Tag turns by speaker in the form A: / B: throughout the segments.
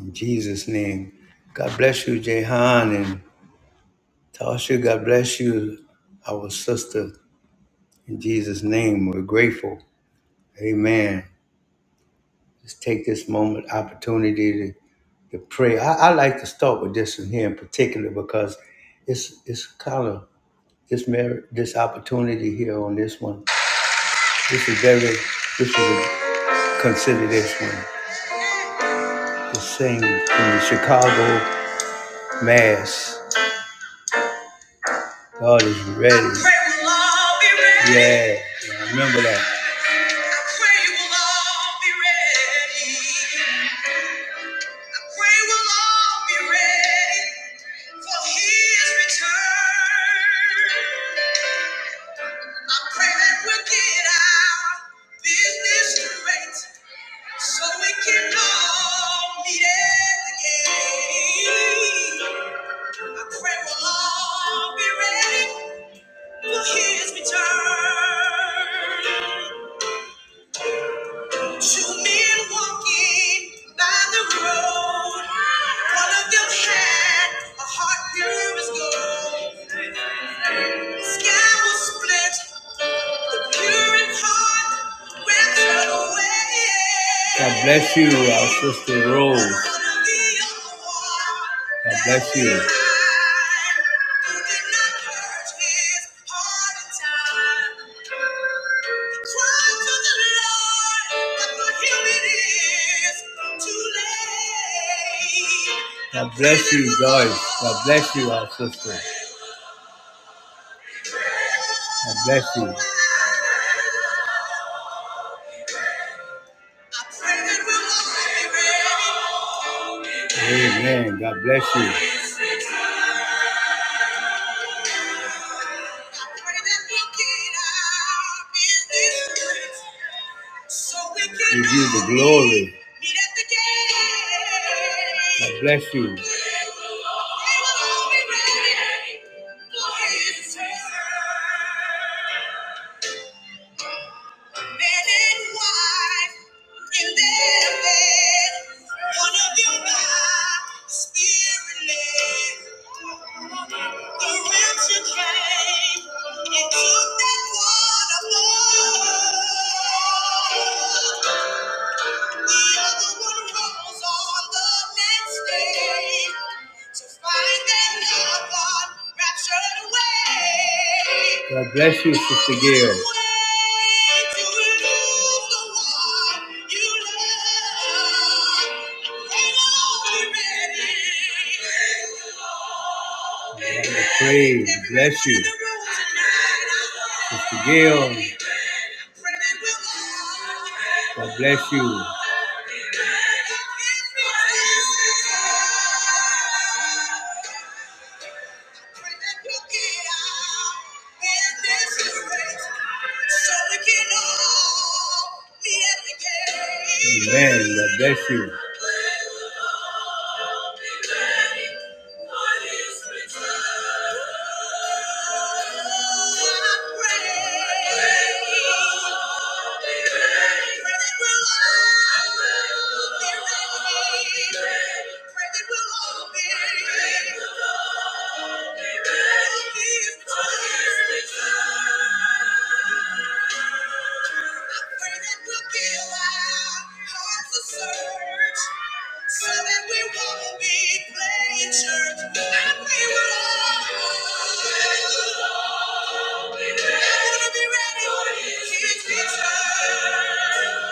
A: In Jesus' name. God bless you, Jehan and Tasha. God bless you, our sister. In Jesus' name, we're grateful. Amen. Let's take this moment, opportunity to, to pray. I, I like to start with this one here in particular because it's it's kind of this merit, this opportunity here on this one. This is very this is a, consider this one. The same in the Chicago Mass. God is ready. I pray we'll all be ready. Yeah, yeah, I remember that. I pray we'll all be ready. I pray we'll all be ready for His return. I pray that we'll get our business straight so we can all meet at the gate. I pray we'll all be ready. His return. Two men walking by the road. One of them had a heart pure as gold. The sky was split. The pure in heart were away. God bless you, our sister. Rose. God bless you. God bless you, Joyce. God bless you, our sister. God bless you. Amen. God bless you. Give you the glory. God bless you. Men and wife in their bed. One of you by spirit led. God bless you, Sister Gail. Praise, bless you. Sister Gail, God bless you. Amen. God bless you. Ready for his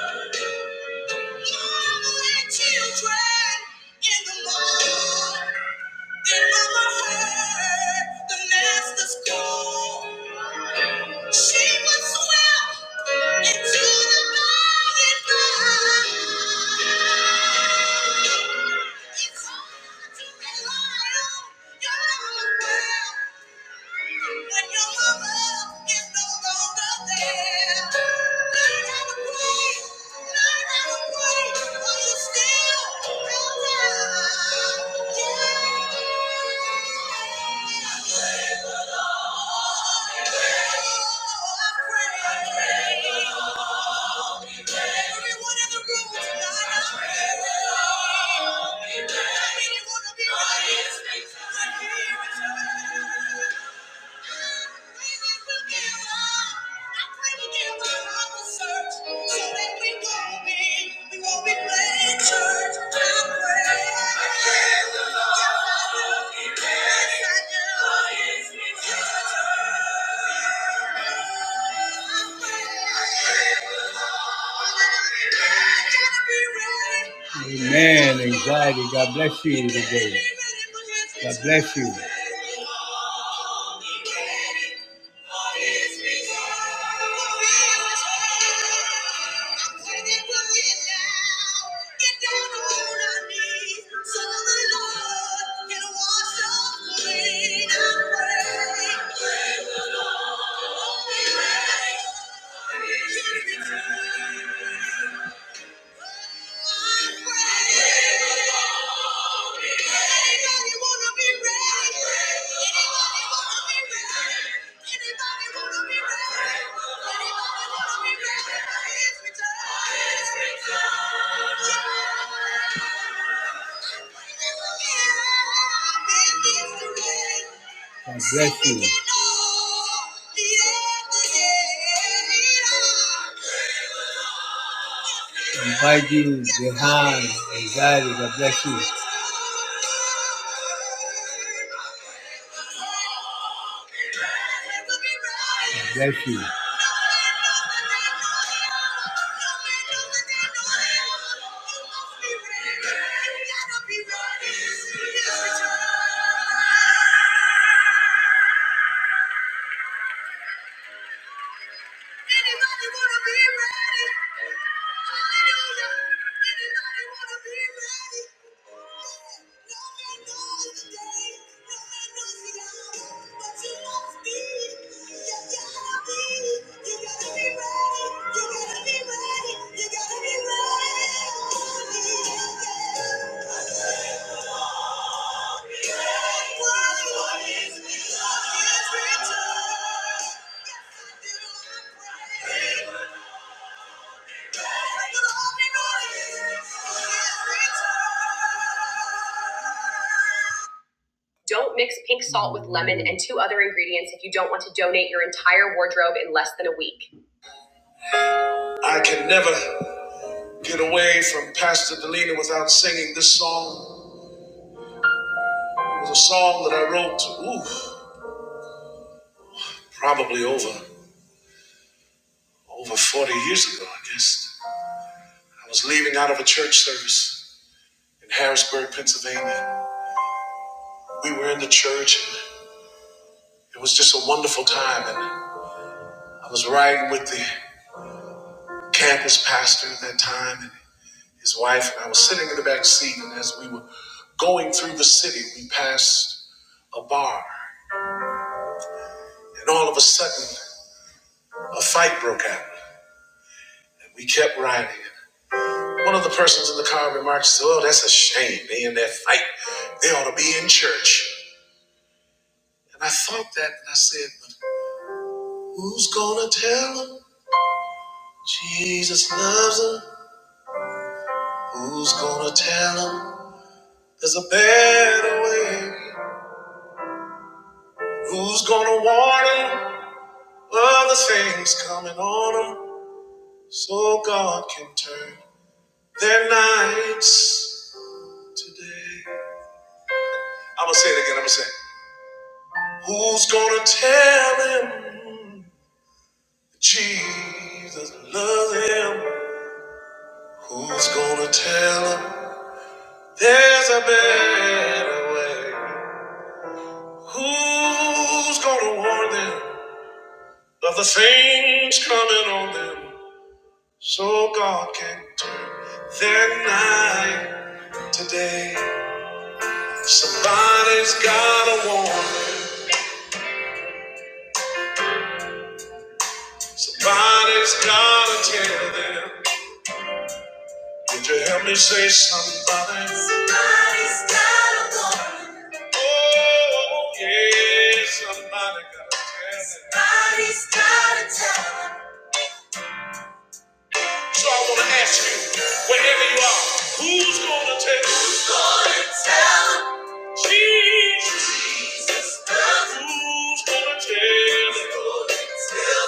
A: return. Like children in the mall. Then mama heard the master's call. She was swept into the mighty flood. It's hard to rely on your own will. When your mama is no longer there, learn how to pray. Learn how to pray, for you still have time. Yeah. I pray for the Lord. Oh, I pray. I pray for the Lord. Everyone in the room tonight, I pray. I really wanna be right. Right here with you. I gotta be ready. Amen. Anxiety. God bless you today. God bless you. Yeah. God bless you. Invite you, Jehan, and God, God bless you. God Bless you. Anybody wanna be ready? Hallelujah. Anybody wanna be ready? No man knows the day, no man knows the hour, but you must be. You gotta be. You gotta be ready. You gotta be ready. You gotta be ready. Yes, I do. I pray. Don't mix pink salt with lemon and two other ingredients if you don't want to donate your entire wardrobe in less than a week. I can never get away from Pastor Delina without singing this song. It was a song that I wrote, ooh, probably over over 40 years ago, I guess. I was leaving out of a church service in Harrisburg, Pennsylvania. We were in the church and it was just a wonderful time And I was riding with the campus pastor at that time and his wife, and I was sitting in the back seat. And as we were going through the city, we passed a bar, and all of a sudden, a fight broke out. And we kept riding. One of the persons in the car remarked, "Oh, that's a shame. They in that fight. They ought to be in church." And I thought that, and I said, "But who's gonna tell them Jesus loves them? Who's gonna tell them there's a better way?" Who's gonna warn them of the things coming on them so God can turn their nights today? I'm gonna say it again, I'm gonna say, it. Who's gonna tell them Jesus loves him? Who's gonna tell them there's a better way? Who's gonna warn them of the things coming on them so God can turn their night? today. Somebody's gotta warn them. Somebody's gotta tell them. Would you help me say somebody? Somebody's gotta warn them. Oh, yeah, somebody gotta tell them. Somebody's gotta tell them. So I want to ask you, wherever you are, who's going to tell? Who's going to tell? Jesus. Jesus. Who's going to tell? Who's going to tell?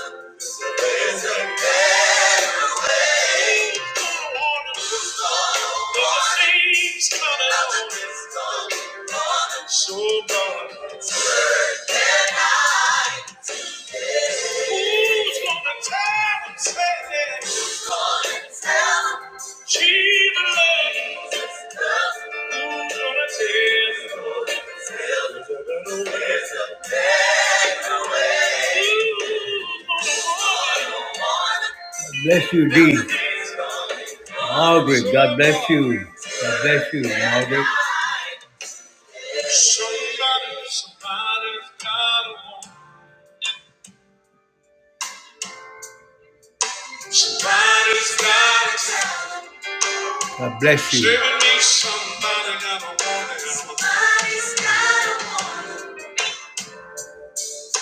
A: There's a better way. Who's gonna warn us? Who's gonna warn us? Nothing's gonna- Nothing's gonna warn us. So God, turn their eyes to Him. who's gonna tell say that? She belongs. Who's gonna tell? Who's gonna know? Bless you, D. Margaret, God bless you. God bless you, Margaret. Somebody, somebody's got a woman. Somebody's got a God bless you.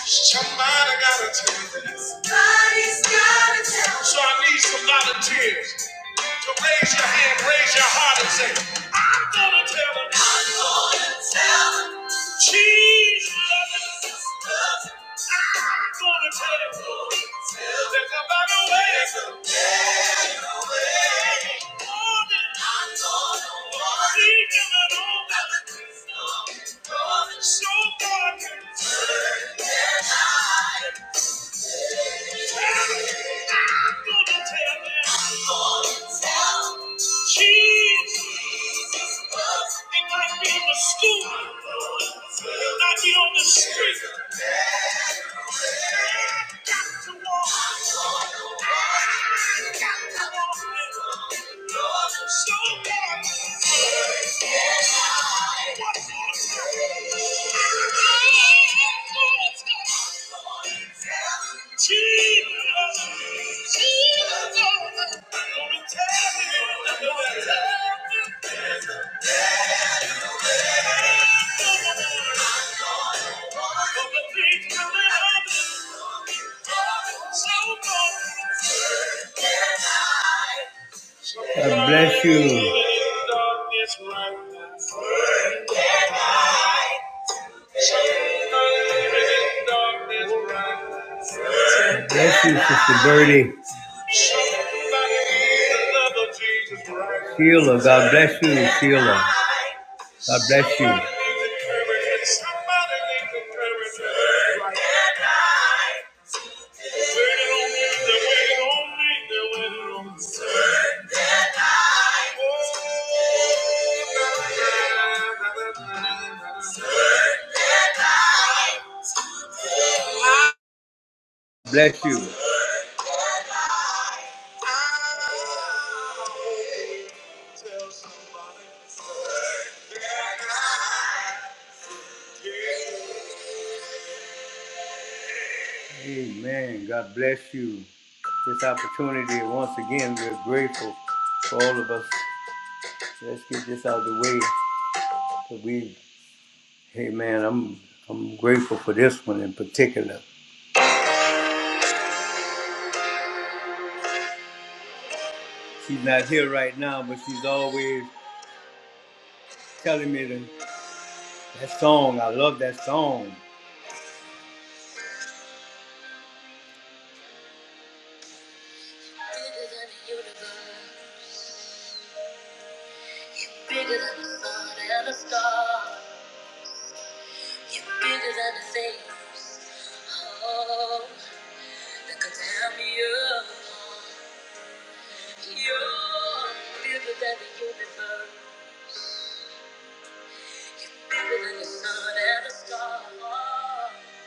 A: Somebody gotta tell you this. Somebody's gotta tell you. So I need some volunteers to raise your hand, raise your heart, and say, I'm gonna tell them. I'm gonna tell them. Jesus loves them. I'm gonna tell them. There's a better way. There's a better way. I'm gonna warn them. Leave them alone. So Jesus, it might be new. Jesus. God bless you. Bless you, Sister Birdie. Sheila, God bless you, Sheila. God bless you. Waiting on me, they Bless you. Tell somebody. Amen. God bless you. This opportunity, once again, we're grateful for all of us. Let's get this out of the way. But we, hey man, I'm I'm grateful for this one in particular. She's not here right now, but she's always telling me that, that song. I love that song. Bigger than the universe, bigger than the sun and the stars. You're bigger than the things, oh, that could tear me up. You're bigger than the universe, bigger than the sun and the stars. You're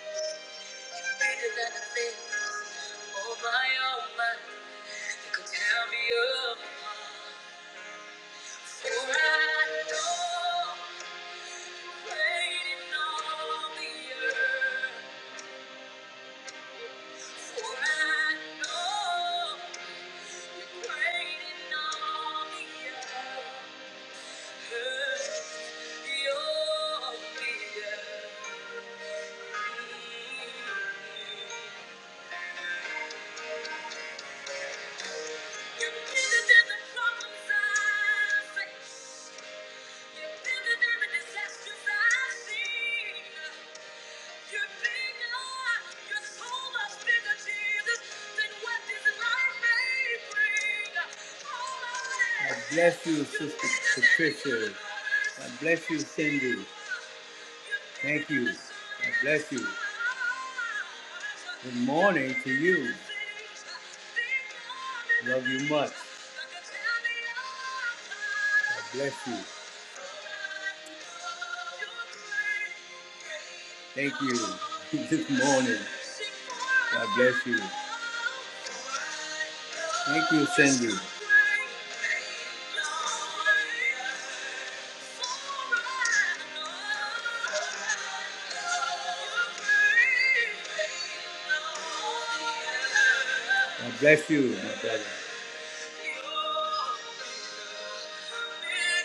A: bigger than the things, oh my, oh my, that could tear me up. For I know, waiting on the earth. You're bigger than the problems I face. God bless you, Sister Patricia. God bless you, Cindy. Thank you. God bless you. Good morning to you. Love you much. God bless you. Thank you this morning. God bless you. Thank you, Cindy. God bless you, my brother.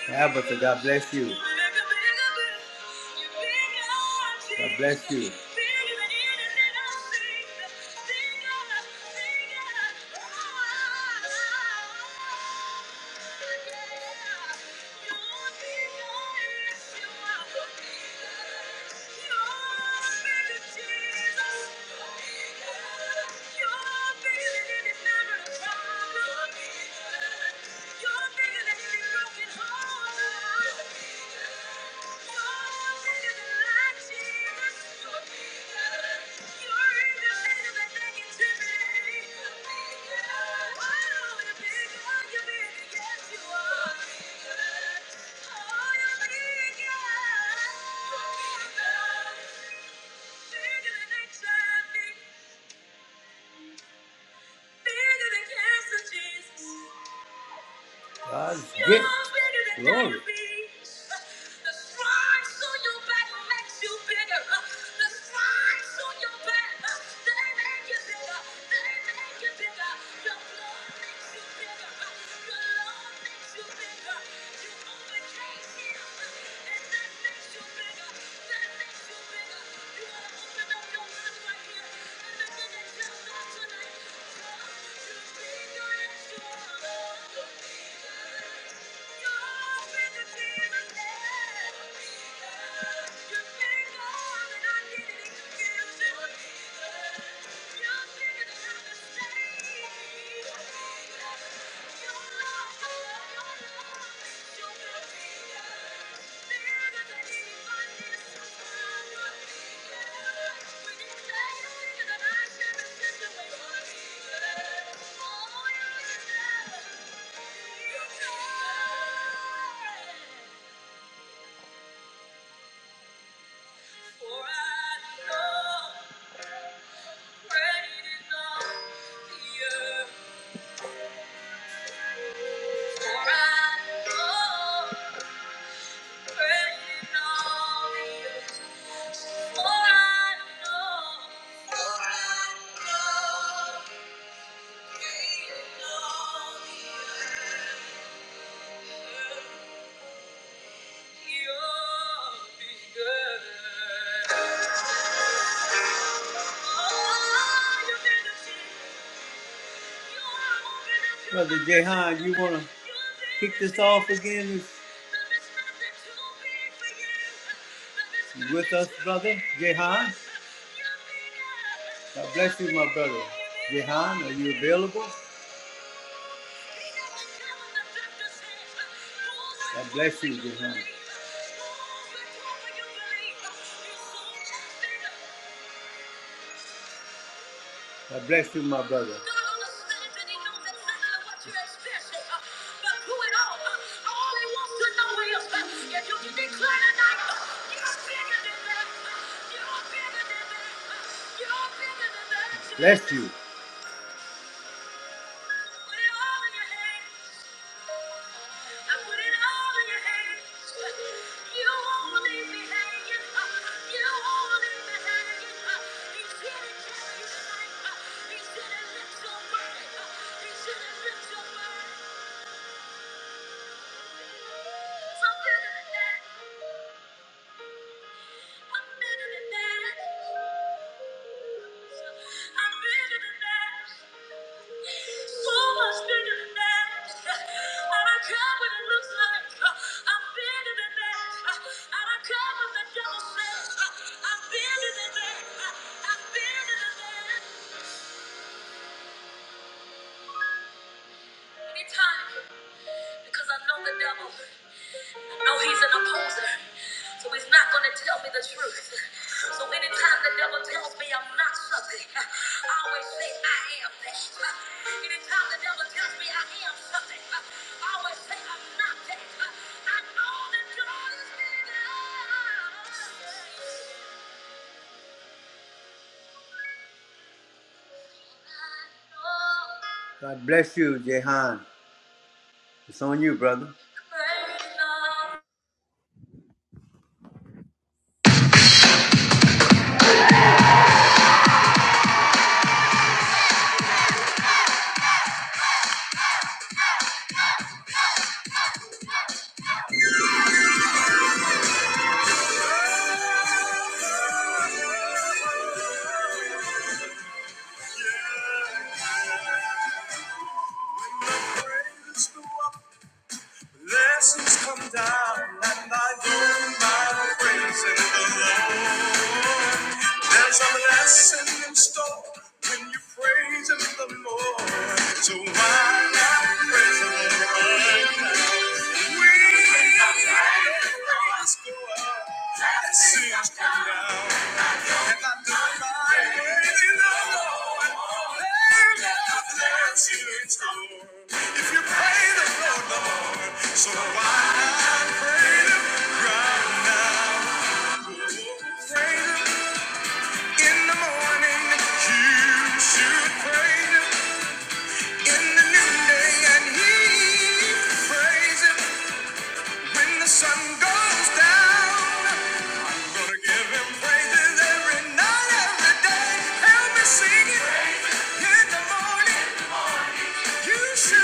A: Yeah, but God bless you. God bless you. Oh, you're bigger. than H I V. God's gift. Glory. Thank you. be the Thank you. For I know Great is all the earth. For I know Oh, you did it. Brother Jehan, you want to kick this off again with us, brother Jehan? God bless you, my brother. Jehan, are you available? God bless you, Jehan. God bless you, my brother. Bless you. Put it all in your hands. I put it all in your hands. You won't leave me hanging. You won't leave me hanging. He's gonna carry your life. He's gonna lift your burden. He's gonna lift your burden. I'm better than that. I'm better than that. I'm better than that. So much bigger than that. I don't care what it looks like. I'm bigger than that. I don't care what the devil says. I'm bigger than that. I'm bigger than that. Anytime, because I know the devil. No, he's an opposer. So he's not going to tell me the truth. So anytime the devil tells me I'm not something, I always say I am that. Anytime the devil tells me I am something, I always say I'm not that. I know that God is bigger. God bless you, Jehan. It's on you, brother.
B: Praise the Lord. Blessings come down, and I do my praise in the Lord. There's a blessing in store when you praise in the Lord. So why not praise the Lord? We praise go up, blessings come down. If you pray the Lord, Lord, so I pray him right now. Pray him in the morning, you should pray him in the noonday, and he praise when the sun goes down. gonna give him praises every night, every day. Help me sing it in the morning. Hallelujah.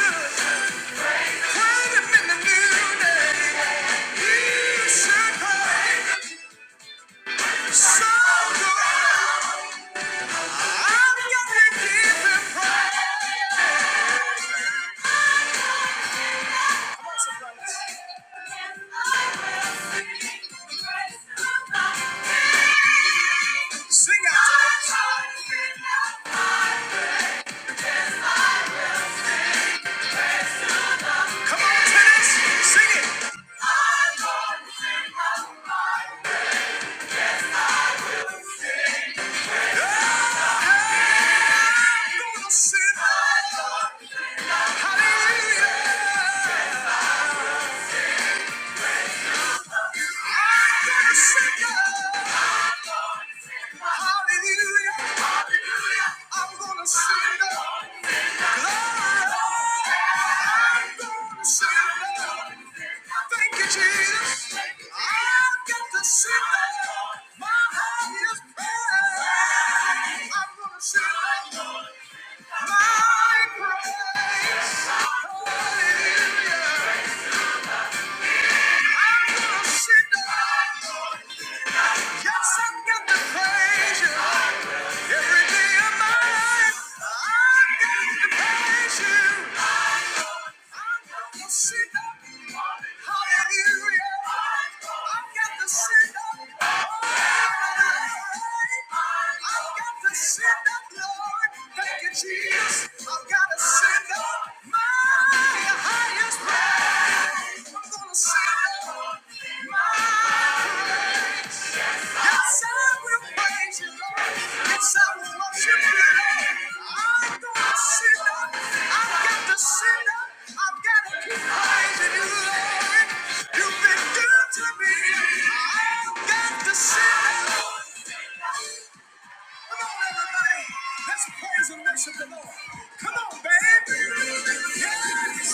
B: I'm gonna sing. Thank you, Jesus. I've got to sit down. My heart is pain. I'm gonna sit my praise. Hallelujah. Yes, I'm gonna sit down. Yes, I've got to praise you every day of my life. I've got to praise you. Jesus, I've got to send up my highest praise. I'm gonna send up my Yes, I will praise you, Lord. Yes, I will worship you, I'm gonna sit up. I've got to sit up. I've got to keep you, Lord. You've been good to me. I've got to sit up. Come on, everybody. Let's praise and worship the Lord. Come on, baby. Yes.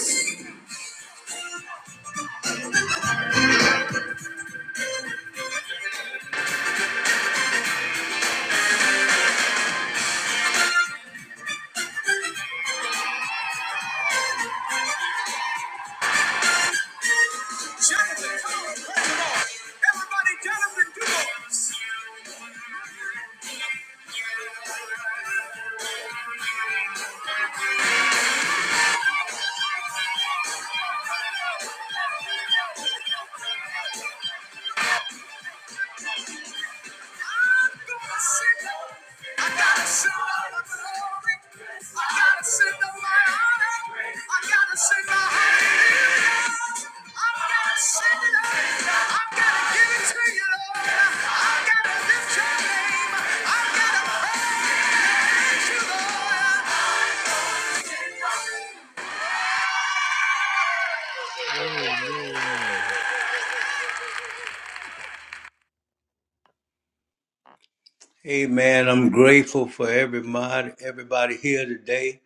B: Jonathan, come on, praise the Lord. Everybody, Jonathan, do it. I gotta send out my glory. I gotta send out my honor. I gotta send my hallelujah. I gotta send it out. I gotta give it to you, Lord. I gotta lift your name. I gotta praise you,
A: Amen. I'm grateful for everybody, everybody here today.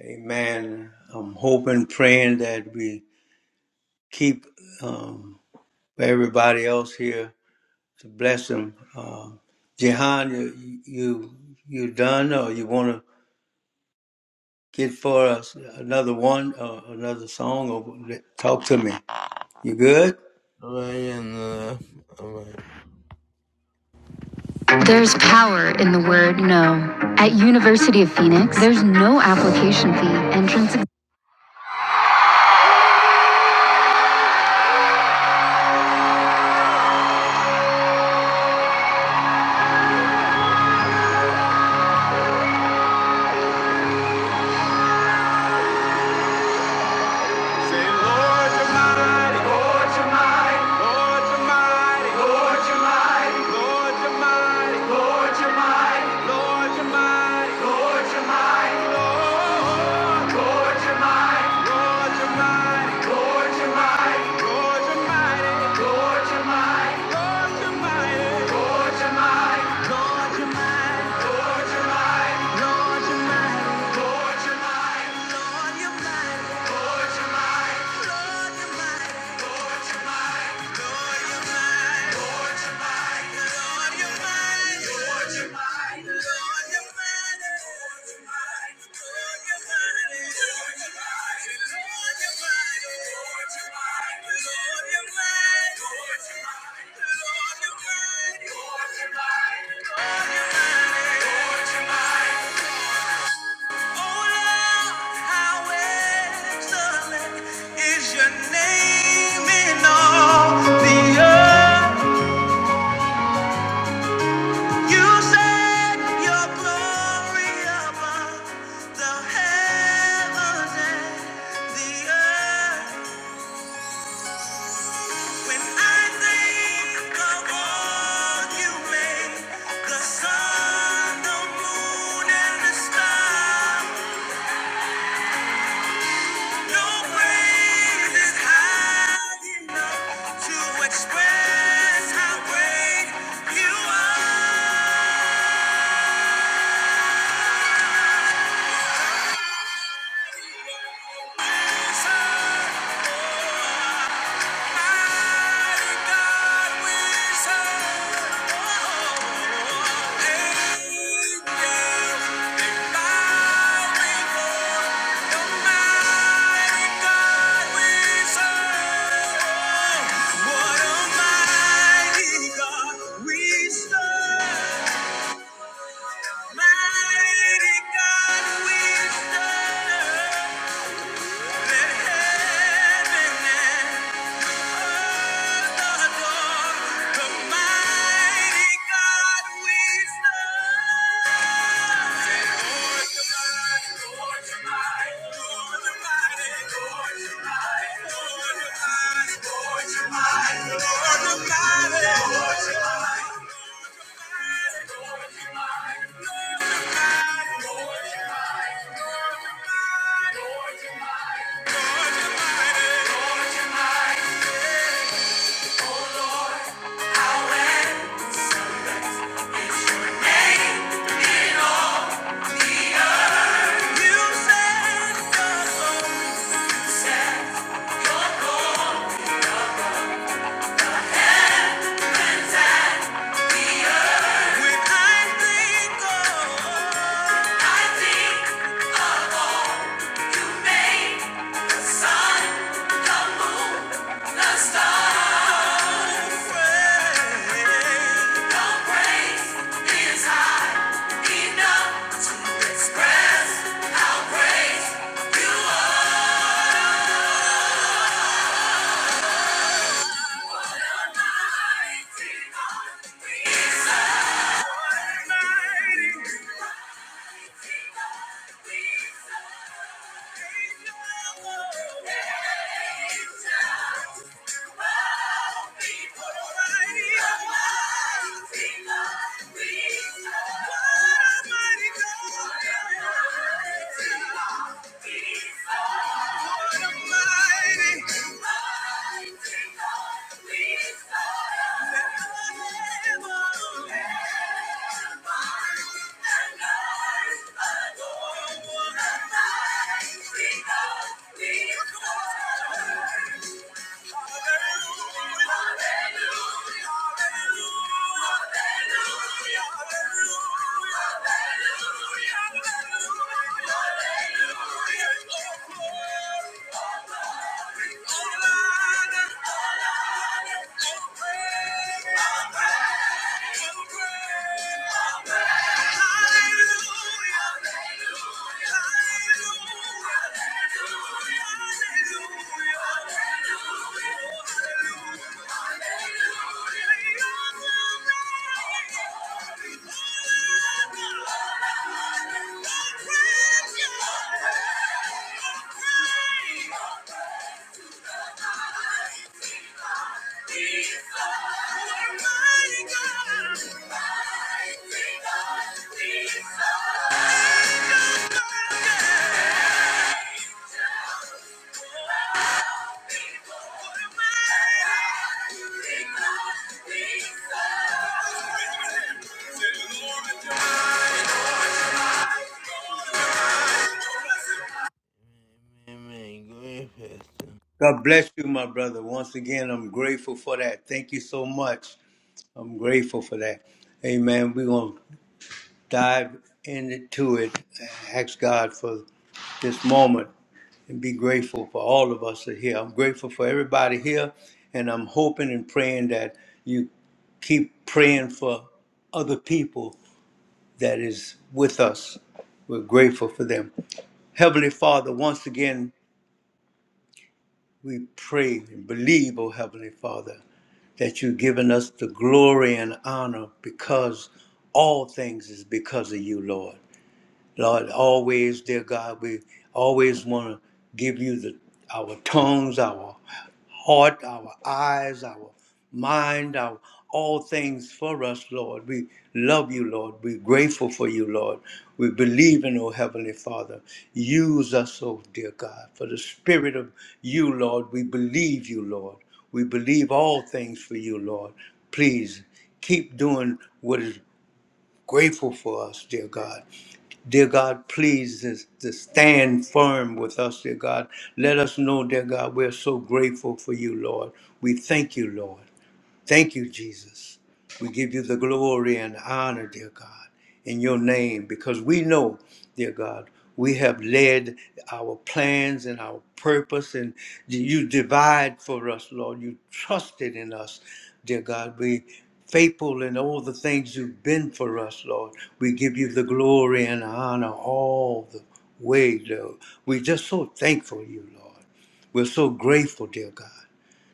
A: Amen. I'm hoping, praying that we keep um, everybody else here to bless them. Um, Jehan, you, you you done, or you want to get for us another one, uh, another song, or talk to me? You good?
B: Lord. There's power in the word no. At University of Phoenix, there's no application fee. Entrance. Lord, you're mighty. Lord, you're mighty. Lord, you're mighty. Is your name in all the earth? You said your glory above the heavens and the earth. When I think of all you made, the sun, the moon, and the stars, no praise is high enough to express how great you are. Mighty God, we serve. Let heaven and Lord, you're mighty. You Music, oh, when I think of
A: God bless you, my brother. Once again, I'm grateful for that. Thank you so much. I'm grateful for that. Amen. We're gonna dive into it ask God for this moment and be grateful for all of us that are here. I'm grateful for everybody here, and I'm hoping and praying that you keep praying for other people that is with us. We're grateful for them. Heavenly Father, once again, we pray and believe, oh Heavenly Father, that you've given us the glory and honor because all things is because of you, Lord. Lord, always, dear God, we always want to give you the our tongues, our heart, our eyes, our mind, our all things for us, Lord. We love you, Lord. We're grateful for you, Lord. We believe in, oh Heavenly Father. Use us, oh dear God, for the spirit of you, Lord. We believe you, Lord. We believe all things for you, Lord. Please keep doing what is grateful for us, dear God. Dear God, please to, to stand firm with us, dear God. Let us know, dear God, we're so grateful for you, Lord. We thank you, Lord. Thank you, Jesus. We give you the glory and honor, dear God, in your name, because we know, dear God, we have led our plans and our purpose, and you divide for us, Lord. You trusted in us, dear God. We faithful in all the things you've been for us, Lord. We give you the glory and honor all the way, Lord. We're just so thankful you, Lord. We're so grateful, dear God.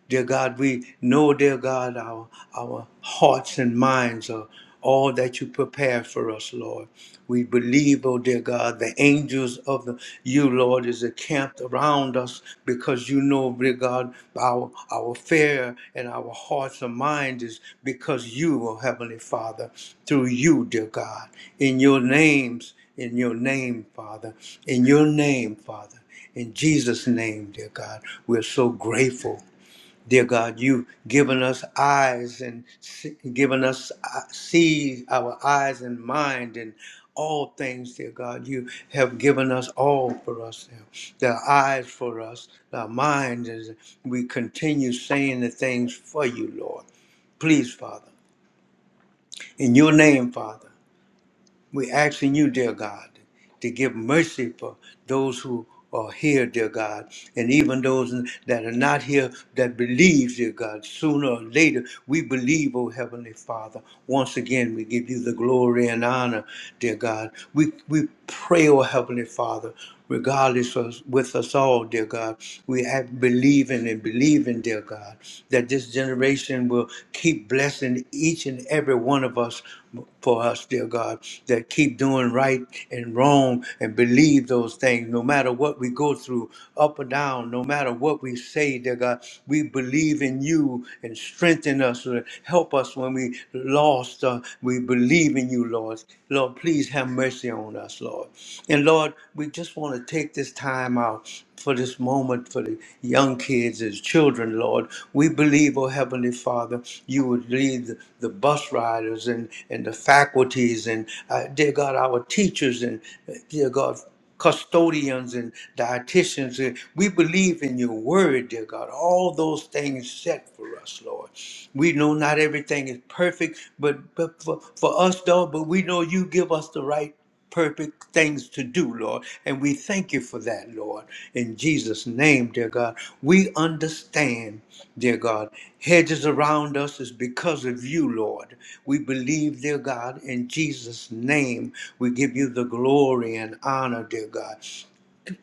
A: Dear God, we know, dear God, our, our hearts and minds are all that you prepare for us, Lord. We believe, oh dear God, the angels of the, you, Lord, is encamped around us because you know, dear God, our, our fear and our hearts and mind is because you, oh Heavenly Father, through you, dear God, in your names, in your name, Father, in your name, Father. In Jesus' name, dear God, we're so grateful. Dear God, you've given us eyes and se- given us uh, see our eyes and mind and all things, dear God. You have given us all for us. dear. The eyes for us, our minds, as we continue saying the things for you, Lord. Please, Father, in your name, Father. We're asking you, dear God, to give mercy for those who are here, dear God, and even those that are not here that believe, dear God. Sooner or later, we believe, oh Heavenly Father. Once again, we give you the glory and honor, dear God. We, we pray, oh Heavenly Father regardless of with us all, dear God. We have believing and believing, dear God, that this generation will keep blessing each and every one of us for us, dear God, that keep doing right and wrong and believe those things no matter what we go through, up or down, no matter what we say, dear God. We believe in you and strengthen us, uh, help us when we lost. Uh, we believe believe in you, Lord. Lord, please have mercy on us, Lord. And Lord, we just want to take this time out for this moment for the young kids as children, Lord. We believe, oh Heavenly Father, you would lead the, the bus riders and, and the faculties and, uh, dear God, our teachers and, uh, dear God, custodians and dietitians. And we believe in your word, dear God. All those things set for us, Lord. We know not everything is perfect, but, but for, for us, though, but we know you give us the right perfect things to do, Lord. And we thank you for that, Lord. In Jesus' name, dear God, we understand, dear God, hedges around us is because of you, Lord. We believe, dear God, in Jesus' name, we give you the glory and honor, dear God.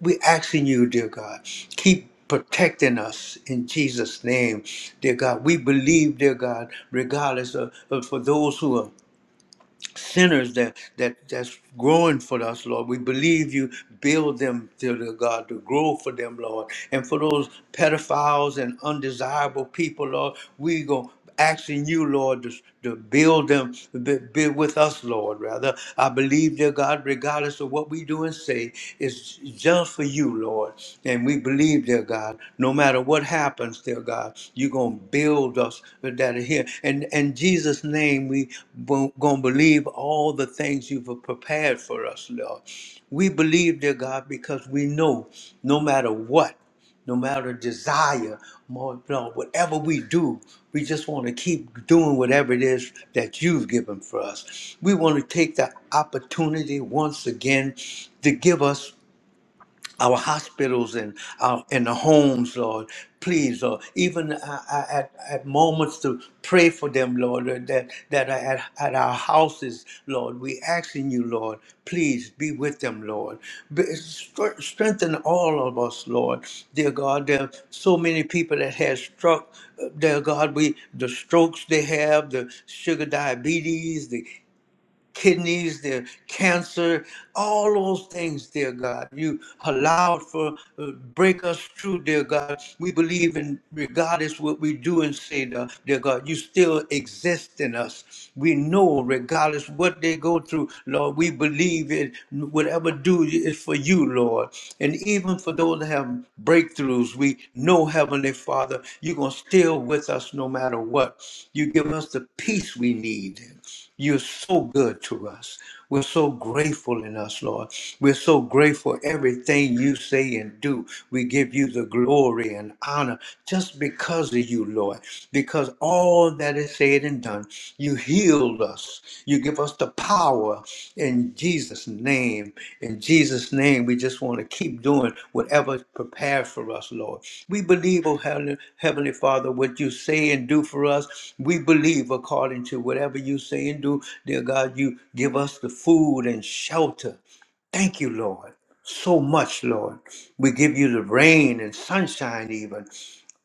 A: we asking you, dear God, keep protecting us in Jesus' name, dear God. We believe, dear God, regardless of, of for those who are sinners that that that's growing for us, Lord. We believe you build them, dear Lord God, to grow for them, Lord. And for those pedophiles and undesirable people, Lord, we go asking you, Lord, to, to build them, be, be with us, Lord, rather. I believe, dear God, regardless of what we do and say, it's just for you, Lord. And we believe, dear God, no matter what happens, dear God, you're gonna build us with that are here. And in Jesus' name, we gonna believe all the things you've prepared for us, Lord. We believe, dear God, because we know no matter what, no matter desire, more, no, whatever we do, we just want to keep doing whatever it is that you've given for us. We want to take the opportunity once again to give us our hospitals and our in the homes, Lord. Please, Lord, even uh, uh, at, at moments to pray for them, Lord, uh, that, that are at, at our houses, Lord. We asking you, Lord, please be with them, Lord. Be, stre- strengthen all of us, Lord. Dear God, there are so many people that have struck, uh, dear God, we the strokes they have, the sugar diabetes, the kidneys, their cancer, all those things, dear God. You allowed for uh, break us through, dear God. We believe in regardless what we do and say, dear dear God, you still exist in us. We know regardless what they go through, Lord, we believe in whatever do is for you, Lord. And even for those that have breakthroughs, we know, Heavenly Father, you're going to still with us no matter what. You give us the peace we need. You're so good to us. We're so grateful in us, Lord. We're so grateful everything you say and do. We give you the glory and honor just because of you, Lord. Because all that is said and done, you healed us. You give us the power power in Jesus' name. In Jesus' name, we just want to keep doing whatever's prepared for us, Lord. We believe, oh Heavenly, Heavenly Father, what you say and do for us. We believe according to whatever you say and do, dear God, you give us the food and shelter. Thank you, Lord, so much, Lord. We give you the rain and sunshine, even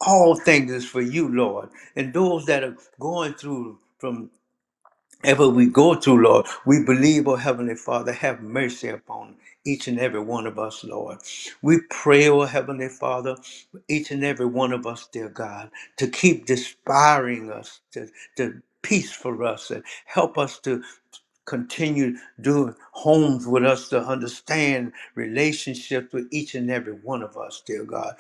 A: all things is for you, Lord. And those that are going through from Ever we go to, Lord, we believe, oh Heavenly Father, have mercy upon each and every one of us, Lord. We pray, oh Heavenly Father, for each and every one of us, dear God, to keep inspiring us, to, to peace for us, and help us to continue doing homes with us to understand relationships with each and every one of us, dear God.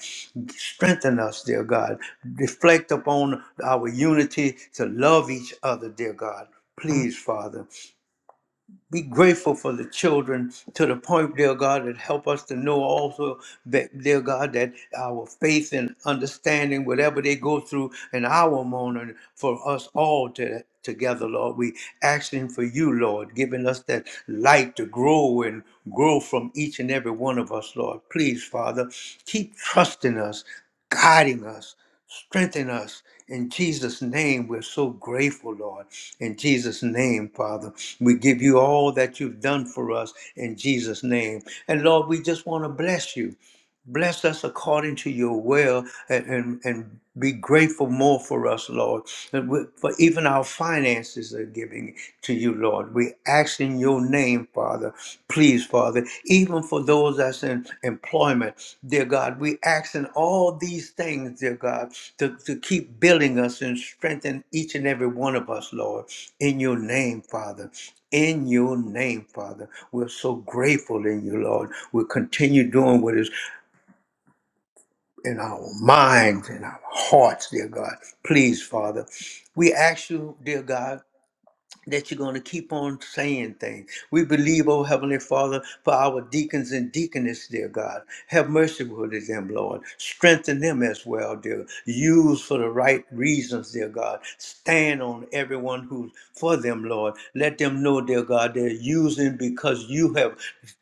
A: Strengthen us, dear God. Reflect upon our unity to love each other, dear God. Please, Father be grateful for the children to the point, dear God, that help us to know also that, dear God, that our faith and understanding, whatever they go through in our morning, for us all to together, Lord. We asking for you, Lord, giving us that light to grow and grow from each and every one of us, Lord. Please, Father, keep trusting us, guiding us. Strengthen us in Jesus' name. We're so grateful, Lord. In Jesus' name, Father, we give you all that you've done for us in Jesus' name. And Lord, we just want to bless you. Bless us according to your will and, and, and be grateful more for us, Lord. And we- For even our finances are giving to you, Lord. We ask in your name, Father. Please, Father, even for those that's in employment, dear God, we ask in all these things, dear God, to, to keep building us and strengthen each and every one of us, Lord. In your name, Father. In your name, Father. We're so grateful in you, Lord. We'll continue doing what is in our minds and our hearts, dear God. Please, Father, we ask you, dear God, that you're going to keep on saying things. We believe, oh Heavenly Father, for our deacons and deaconess, dear God. Have mercy with them, Lord. Strengthen them as well, dear. Use for the right reasons, dear God. Stand on everyone who's for them, Lord. Let them know, dear God, they're using because you have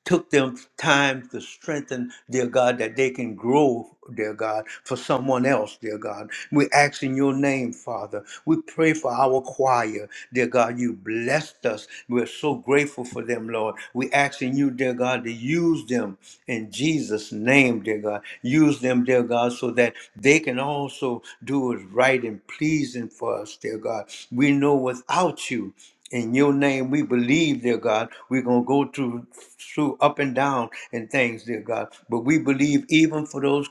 A: took them time to strengthen, dear God, that they can grow, dear God, for someone else, dear God. We ask in your name, Father. We pray for our choir, dear God. You blessed us. We're so grateful for them, Lord. We ask in you, dear God, to use them in Jesus' name, dear God. Use them, dear God, so that they can also do what's right and pleasing for us, dear God. We know without you. In your name, we believe, dear God, we're going to go through, through up and down and things, dear God. But we believe even for those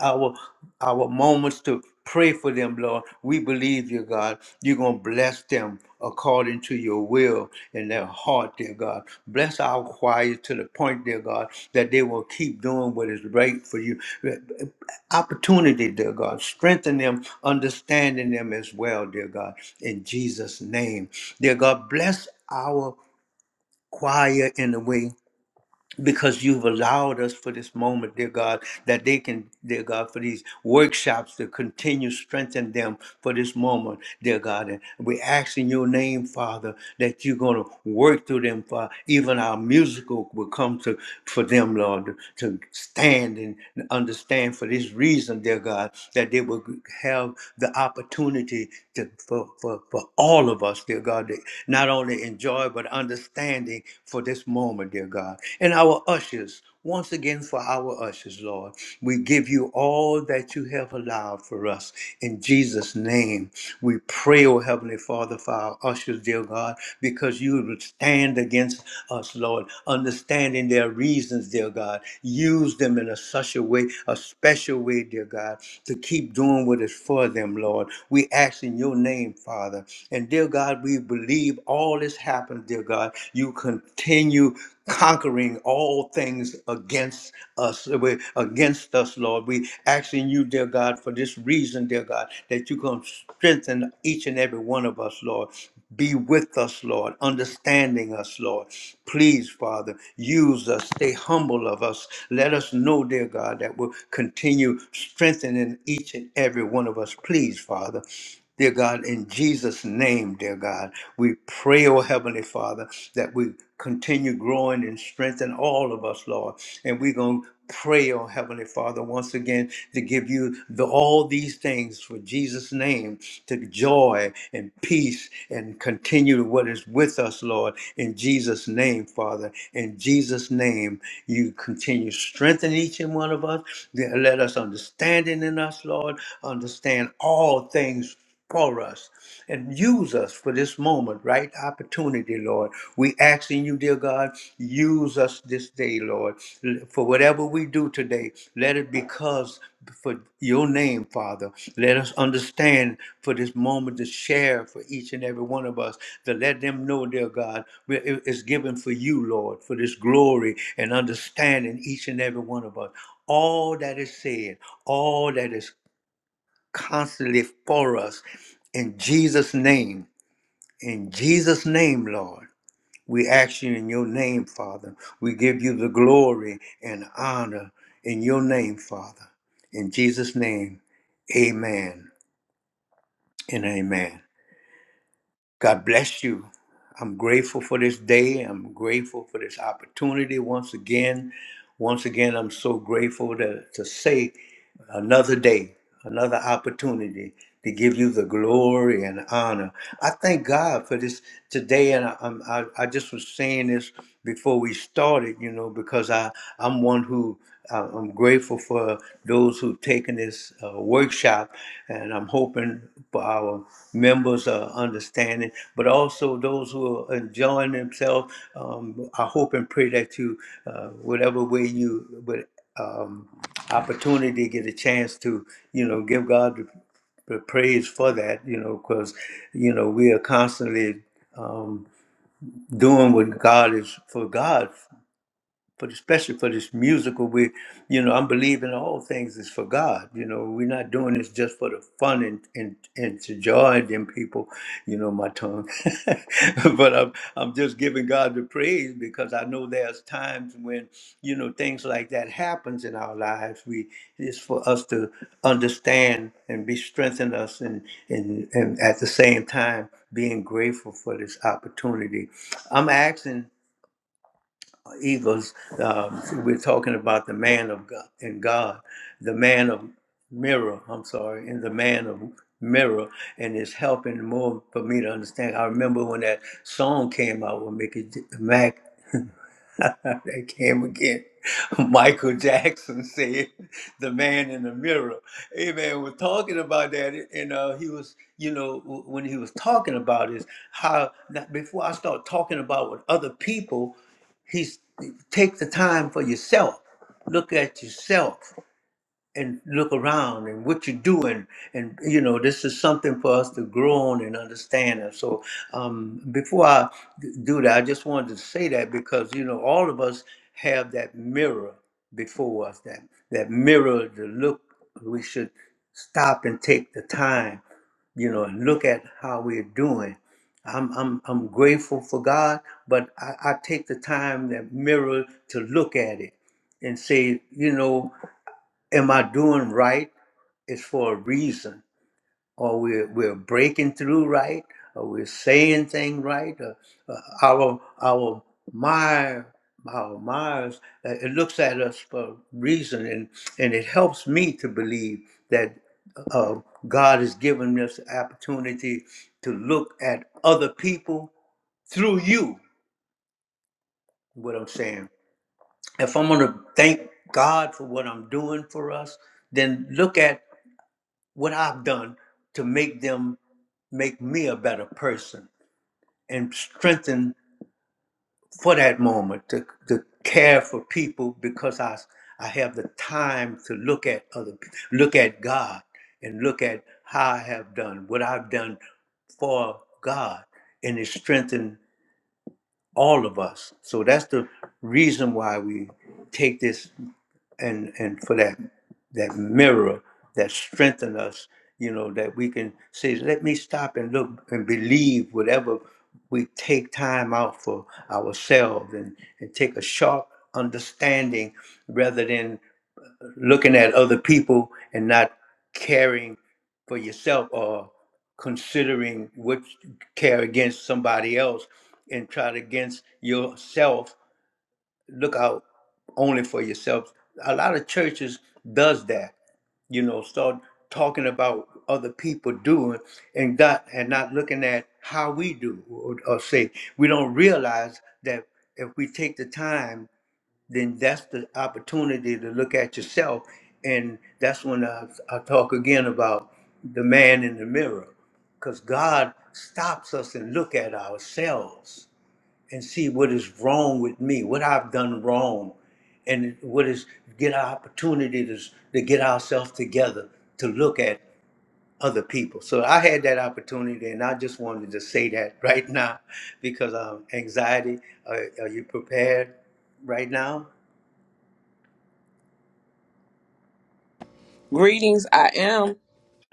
A: our our moments to pray for them, Lord. We believe you, God. You're gonna bless them according to your will in their heart, dear God. Bless our choir to the point, dear God, that they will keep doing what is right for you. Opportunity, dear God. Strengthen them, understanding them as well, dear God. In Jesus' name. Dear God, bless our choir in the way because you've allowed us for this moment, dear God, that they can, dear God, for these workshops to continue strengthen them for this moment, dear God. And we ask in your name, Father, that you're going to work through them, Father. Even our musical will come to for them, Lord, to, to stand and understand for this this reason, dear God, that they will have the opportunity to for, for, for all of us, dear God, to not only enjoy but understanding for this moment, dear God. And our ushers, once again for our ushers, Lord, we give you all that you have allowed for us in Jesus' name. We pray, oh Heavenly Father, for our ushers, dear God, because you would stand against us, Lord, understanding their reasons, dear God. Use them in a such a way, a special way, dear God, to keep doing what is for them, Lord. We ask in your name, Father. And dear God, we believe all this happened, dear God. You continue conquering all things against us, uh, we- against us, Lord. We asking you, dear God, for this reason, dear God, that you can strengthen each and every one of us, Lord. Be with us, Lord, understanding us, Lord. Please, Father, use us. Stay humble of us. Let us know, dear God, that we'll continue strengthening each and every one of us. Please, Father. Dear God, in Jesus' name, dear God, we pray, oh Heavenly Father, that we continue growing and strengthen all of us, Lord. And we're going to pray, oh Heavenly Father, once again to give you the, all these things for Jesus' name, to joy and peace and continue what is with us, Lord. In Jesus' name, Father, in Jesus' name, you continue strengthen each and one of us. Let us understanding in us, Lord, understand all things for us and use us for this moment, right? Opportunity, Lord. We asking you, dear God, use us this day, Lord. L- For whatever we do today, let it because for your name, Father. Let us understand for this moment to share for each and every one of us, to let them know, dear God, we- it- it's given for you, Lord, for this glory and understanding each and every one of us all that is said, all that is constantly for us. In Jesus' name, in Jesus' name, Lord, we ask you in your name, Father. We give you the glory and honor in your name, Father. In Jesus' name, amen and amen. God bless you. I'm grateful for this day. I'm grateful for this opportunity once again. Once again, I'm so grateful to, to say another day, another opportunity to give you the glory and honor. I thank God for this today. And I, I'm- I, I just was saying this before we started, you know, because I, I'm one who. I- I'm grateful for those who've taken this uh, workshop, and I'm hoping for our members' uh, understanding, but also those who are enjoying themselves. Um, I hope and pray that you, uh, whatever way you, but um, opportunity, get a chance to, you know, give God the, the praise for that, you know, because, you know, we are constantly um, doing what God is for God for the, especially for this musical we you know i'm believing all things is for god you know we're not doing this just for the fun and and, and to join them people you know my tongue but i'm i'm just giving god the praise because i know there's times when you know things like that happens in our lives we it's for us to understand and be strengthened us and and, and at the same time being grateful for this opportunity i'm asking Eagles, um, we're talking about the man of God and God, the man of mirror, I'm sorry, and the man of mirror, and it's helping more for me to understand. I remember when that song came out with Mickey J- Mac, that came again. Michael Jackson said, "The man in the mirror." Amen. We're talking about that, and uh, he was, you know, w- when he was talking about is how that before I start talking about what other people. Take the time for yourself. Look at yourself and look around and what you're doing. And, you know, this is something for us to grow on and understand. And so um, before I d- do that, I just wanted to say that because, you know, all of us have that mirror before us, that, that mirror to look. We should stop and take the time you know, look at how we're doing. I'm I'm I'm grateful for God, but I, I take the time that mirror to look at it and say, you know, am I doing right? It's for a reason or we're, we're breaking through right, or we're saying things right, or, uh, our our mind, our minds, uh, it looks at us for reason, and and it helps me to believe that uh, God has given us the opportunity to look at other people through you. What I'm saying, if I'm going to thank God for what I'm doing for us, then look at what I've done to make them make me a better person and strengthen for that moment to, to care for people because I I have the time to look at other pe- look at God and look at how I have done what I've done for God and it strengthened all of us. So that's the reason why we take this and and for that that mirror that strengthen us you know that we can say let me stop and look and believe whatever we take time out for ourselves and, and take a sharp understanding rather than looking at other people and not caring for yourself or considering what you care against somebody else and try to against yourself look out only for yourself. A lot of churches does that, you know, start talking about other people doing and got and not looking at how we do or, or say we don't realize that if we take the time, then that's the opportunity to look at yourself. And that's when I, I talk again about the man in the mirror, because God stops us and look at ourselves and see what is wrong with me, what I've done wrong, and what is get our opportunity to, to get ourselves together to look at other people. So I had that opportunity, and I just wanted to say that right now because um, anxiety. Are, are you prepared right now?
C: Greetings, I am.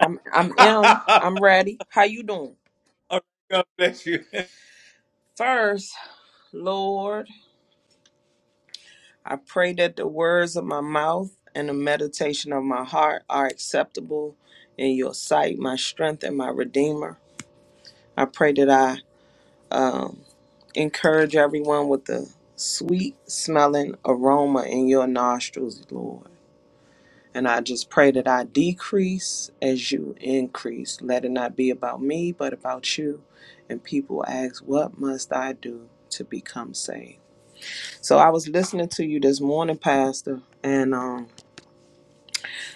C: I'm I'm
A: All
C: M. I'm ready. How you doing?
A: right, God bless you.
C: First, Lord, I pray that the words of my mouth and the meditation of my heart are acceptable in your sight, my strength and my redeemer. I pray that I um, encourage everyone with the sweet smelling aroma in your nostrils, Lord. And I just pray that I decrease as you increase. Let it not be about me, but about you. And people ask, What must I do to become saved? So I was listening to you this morning, Pastor, and um,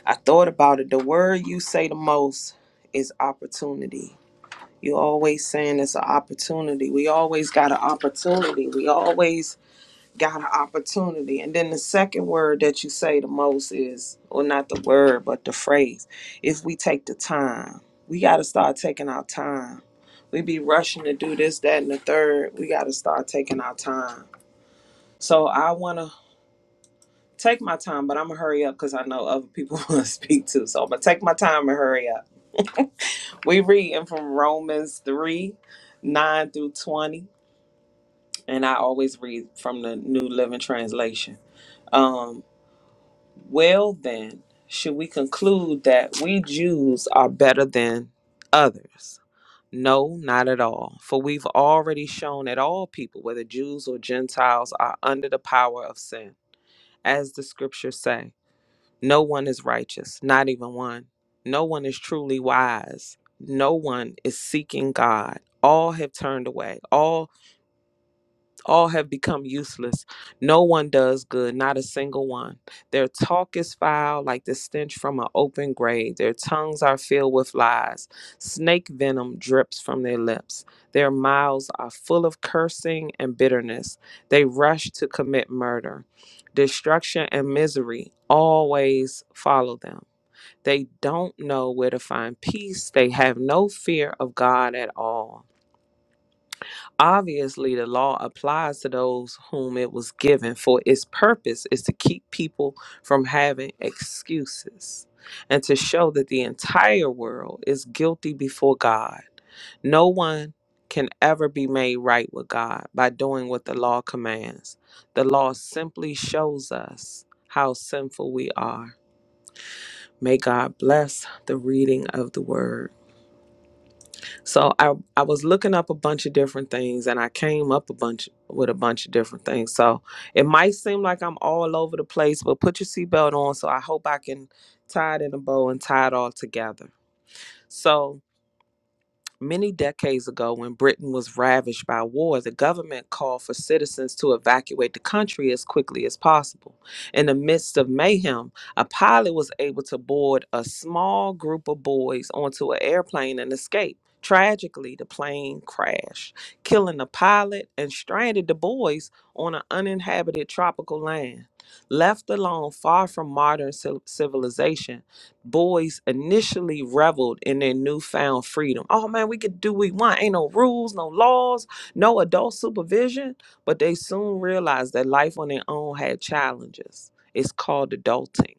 C: I thought about it. The word you say the most is opportunity. You're always saying it's an opportunity. We always got an opportunity. We always got an opportunity. And then the second word that you say the most is, or not the word, but the phrase, if we take the time, we got to start taking our time. We be rushing to do this, that, and the third. We got to start taking our time. So I want to take my time, but I'm going to hurry up because I know other people want to speak too. So I'm going to take my time and hurry up. We reading from Romans 3 9 through 20. And I always read from the New Living Translation. Um, Well, then, should we conclude that we Jews are better than others? No, not at all. For we've already shown that all people, whether Jews or Gentiles, are under the power of sin. As the scriptures say, no one is righteous, not even one. No one is truly wise. No one is seeking God. All have turned away. All all have become useless. No one does good, not a single one. Their talk is foul, like the stench from an open grave. Their tongues are filled with lies. Snake venom drips from their lips. Their mouths are full of cursing and bitterness. They rush to commit murder. Destruction and misery always follow them. They don't know where to find peace. They have no fear of God at all. Obviously, the law applies to those whom it was given, for its purpose is to keep people from having excuses and to show that the entire world is guilty before God. No one can ever be made right with God by doing what the law commands. The law simply shows us how sinful we are. May God bless the reading of the word. So I I was looking up a bunch of different things and I came up a bunch with a bunch of different things. So it might seem like I'm all over the place, but put your seatbelt on. So I hope I can tie it in a bow and tie it all together. So Many decades ago, when Britain was ravaged by war, the government called for citizens to evacuate the country as quickly as possible. In the midst of mayhem, a pilot was able to board a small group of boys onto an airplane and escape. Tragically, the plane crashed, killing the pilot and stranded the boys on an uninhabited tropical land. Left alone far from modern civil- civilization, boys initially reveled in their newfound freedom. Oh man, we could do what we want. Ain't no rules, no laws, no adult supervision. But they soon realized that life on their own had challenges. It's called adulting.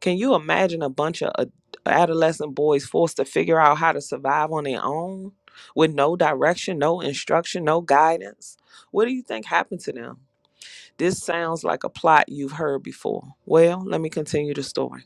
C: Can you imagine a bunch of ad- adolescent boys forced to figure out how to survive on their own with no direction, no instruction, no guidance? What do you think happened to them? This sounds like a plot you've heard before. Well, let me continue the story.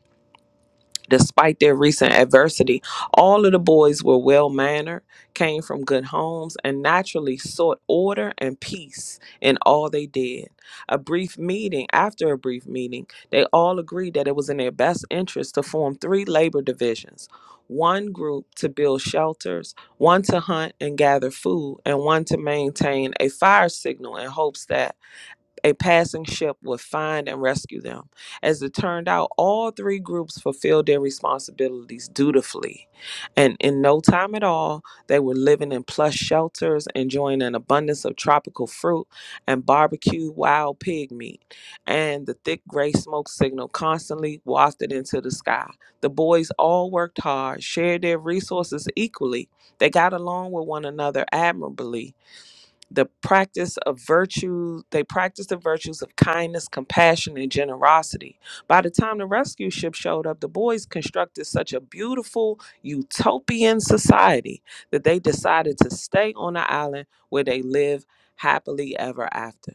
C: Despite their recent adversity, all of the boys were well mannered, came from good homes, and naturally sought order and peace in all they did. A brief meeting, after a brief meeting, they all agreed that it was in their best interest to form three labor divisions one group to build shelters, one to hunt and gather food, and one to maintain a fire signal in hopes that a passing ship would find and rescue them. As it turned out, all three groups fulfilled their responsibilities dutifully. And in no time at all, they were living in plush shelters, enjoying an abundance of tropical fruit and barbecued wild pig meat. And the thick gray smoke signal constantly wafted into the sky. The boys all worked hard, shared their resources equally. They got along with one another admirably the practice of virtue they practiced the virtues of kindness compassion and generosity by the time the rescue ship showed up the boys constructed such a beautiful utopian society that they decided to stay on the island where they live happily ever after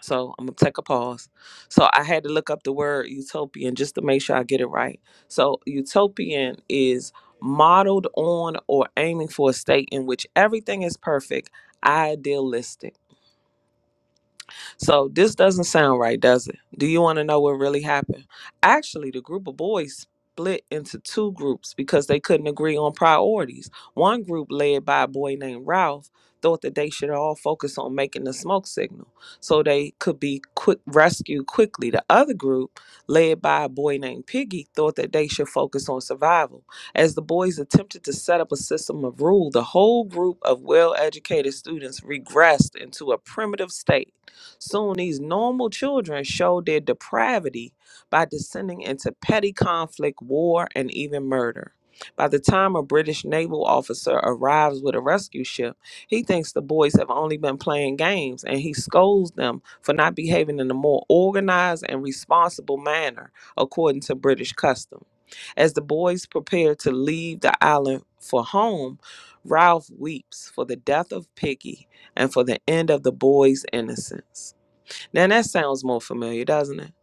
C: so I'm gonna take a pause. So I had to look up the word utopian just to make sure I get it right. So utopian is modeled on or aiming for a state in which everything is perfect, idealistic. So this doesn't sound right, does it? Do you want to know what really happened? Actually, the group of boys split into two groups because they couldn't agree on priorities. One group, led by a boy named Ralph, thought that they should all focus on making the smoke signal so they could be quick rescued quickly. The other group, led by a boy named Piggy, thought that they should focus on survival. As the boys attempted to set up a system of rule, the whole group of well-educated students regressed into a primitive state Soon, these normal children showed their depravity by descending into petty conflict, war, and even murder. By the time a British naval officer arrives with a rescue ship, he thinks the boys have only been playing games and he scolds them for not behaving in a more organized and responsible manner according to British custom. As the boys prepare to leave the island for home, Ralph weeps for the death of Piggy and for the end of the boy's innocence. Now that sounds more familiar, doesn't it?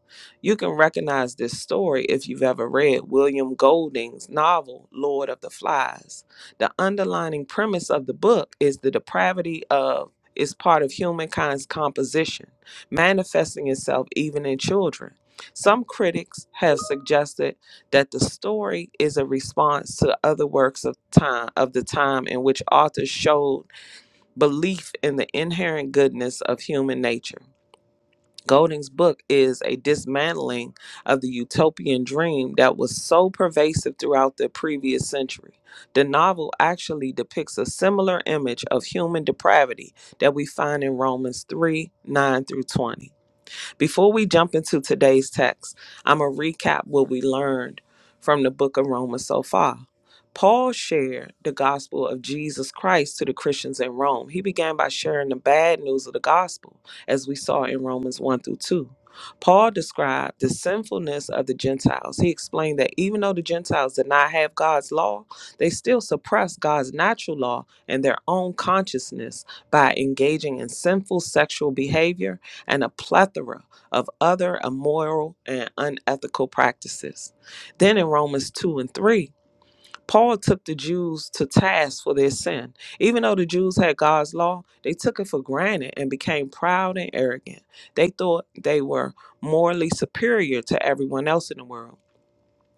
C: You can recognize this story if you've ever read William Golding's novel, Lord of the Flies. The underlining premise of the book is the depravity of is part of humankind's composition, manifesting itself even in children. Some critics have suggested that the story is a response to other works of time of the time in which authors showed belief in the inherent goodness of human nature. Golding's book is a dismantling of the utopian dream that was so pervasive throughout the previous century. The novel actually depicts a similar image of human depravity that we find in Romans 3 9 through 20. Before we jump into today's text, I'm going to recap what we learned from the book of Romans so far. Paul shared the gospel of Jesus Christ to the Christians in Rome. He began by sharing the bad news of the gospel, as we saw in Romans 1 through 2. Paul described the sinfulness of the Gentiles. He explained that even though the Gentiles did not have God's law, they still suppressed God's natural law and their own consciousness by engaging in sinful sexual behavior and a plethora of other immoral and unethical practices. Then in Romans 2 and 3, Paul took the Jews to task for their sin. Even though the Jews had God's law, they took it for granted and became proud and arrogant. They thought they were morally superior to everyone else in the world.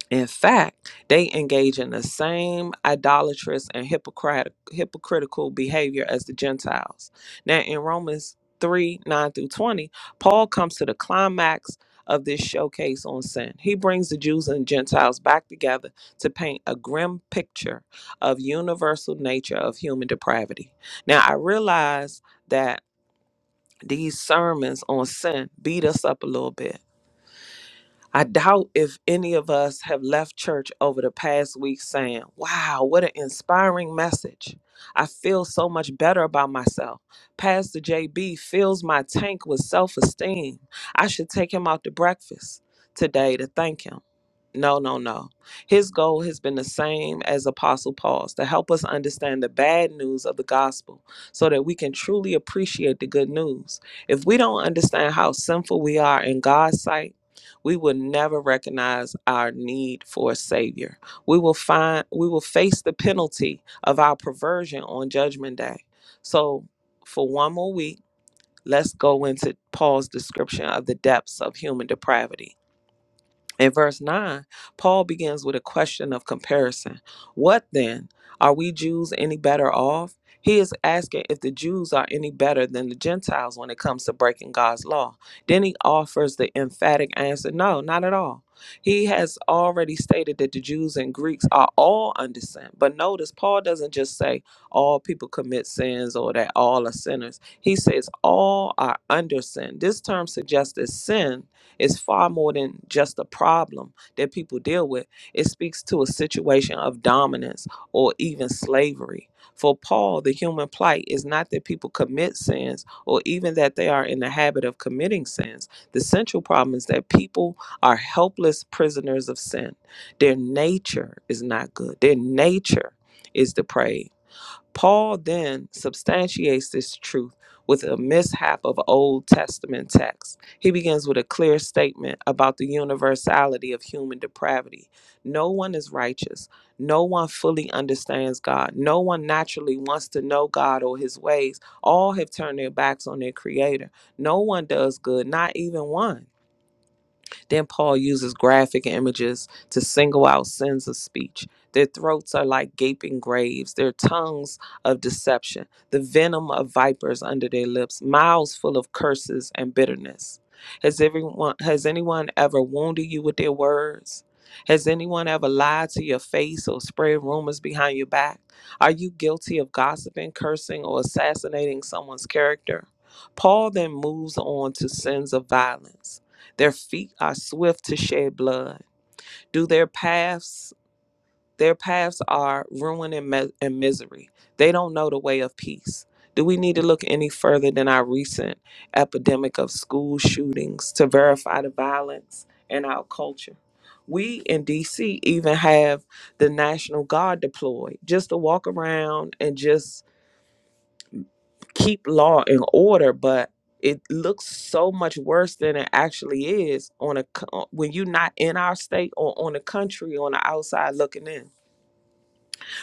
C: In fact, they engage in the same idolatrous and hypocrite, hypocritical behavior as the Gentiles. Now, in Romans 3 9 through 20, Paul comes to the climax of this showcase on sin. He brings the Jews and Gentiles back together to paint a grim picture of universal nature of human depravity. Now, I realize that these sermons on sin beat us up a little bit I doubt if any of us have left church over the past week saying, Wow, what an inspiring message. I feel so much better about myself. Pastor JB fills my tank with self esteem. I should take him out to breakfast today to thank him. No, no, no. His goal has been the same as Apostle Paul's to help us understand the bad news of the gospel so that we can truly appreciate the good news. If we don't understand how sinful we are in God's sight, we will never recognize our need for a savior. We will find we will face the penalty of our perversion on judgment day. So for one more week, let's go into Paul's description of the depths of human depravity. In verse 9, Paul begins with a question of comparison. What then? Are we Jews any better off? He is asking if the Jews are any better than the Gentiles when it comes to breaking God's law. Then he offers the emphatic answer no, not at all. He has already stated that the Jews and Greeks are all under sin. But notice, Paul doesn't just say all people commit sins or that all are sinners. He says all are under sin. This term suggests that sin it's far more than just a problem that people deal with. It speaks to a situation of dominance or even slavery. For Paul, the human plight is not that people commit sins or even that they are in the habit of committing sins. The central problem is that people are helpless prisoners of sin. Their nature is not good, their nature is depraved Paul then substantiates this truth with a mishap of Old Testament texts. He begins with a clear statement about the universality of human depravity. No one is righteous. No one fully understands God. No one naturally wants to know God or his ways. All have turned their backs on their creator. No one does good, not even one. Then Paul uses graphic images to single out sins of speech. Their throats are like gaping graves, their tongues of deception, the venom of vipers under their lips, mouths full of curses and bitterness. Has everyone has anyone ever wounded you with their words? Has anyone ever lied to your face or spread rumors behind your back? Are you guilty of gossiping, cursing, or assassinating someone's character? Paul then moves on to sins of violence. Their feet are swift to shed blood. Do their paths, their paths are ruin and, mi- and misery. They don't know the way of peace. Do we need to look any further than our recent epidemic of school shootings to verify the violence in our culture? We in DC even have the National Guard deployed just to walk around and just keep law and order, but it looks so much worse than it actually is on a co- uh, when you're not in our state or on the country on the outside looking in.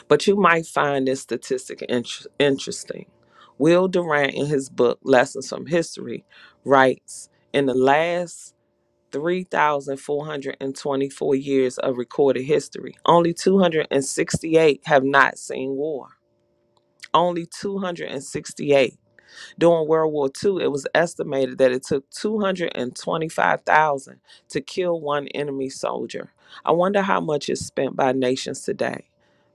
C: But you might find this statistic int- interesting. Will Durant, in his book Lessons from History, writes in the last 3,424 years of recorded history, only 268 have not seen war. Only 268 during World War II, it was estimated that it took 225,000 to kill one enemy soldier. I wonder how much is spent by nations today.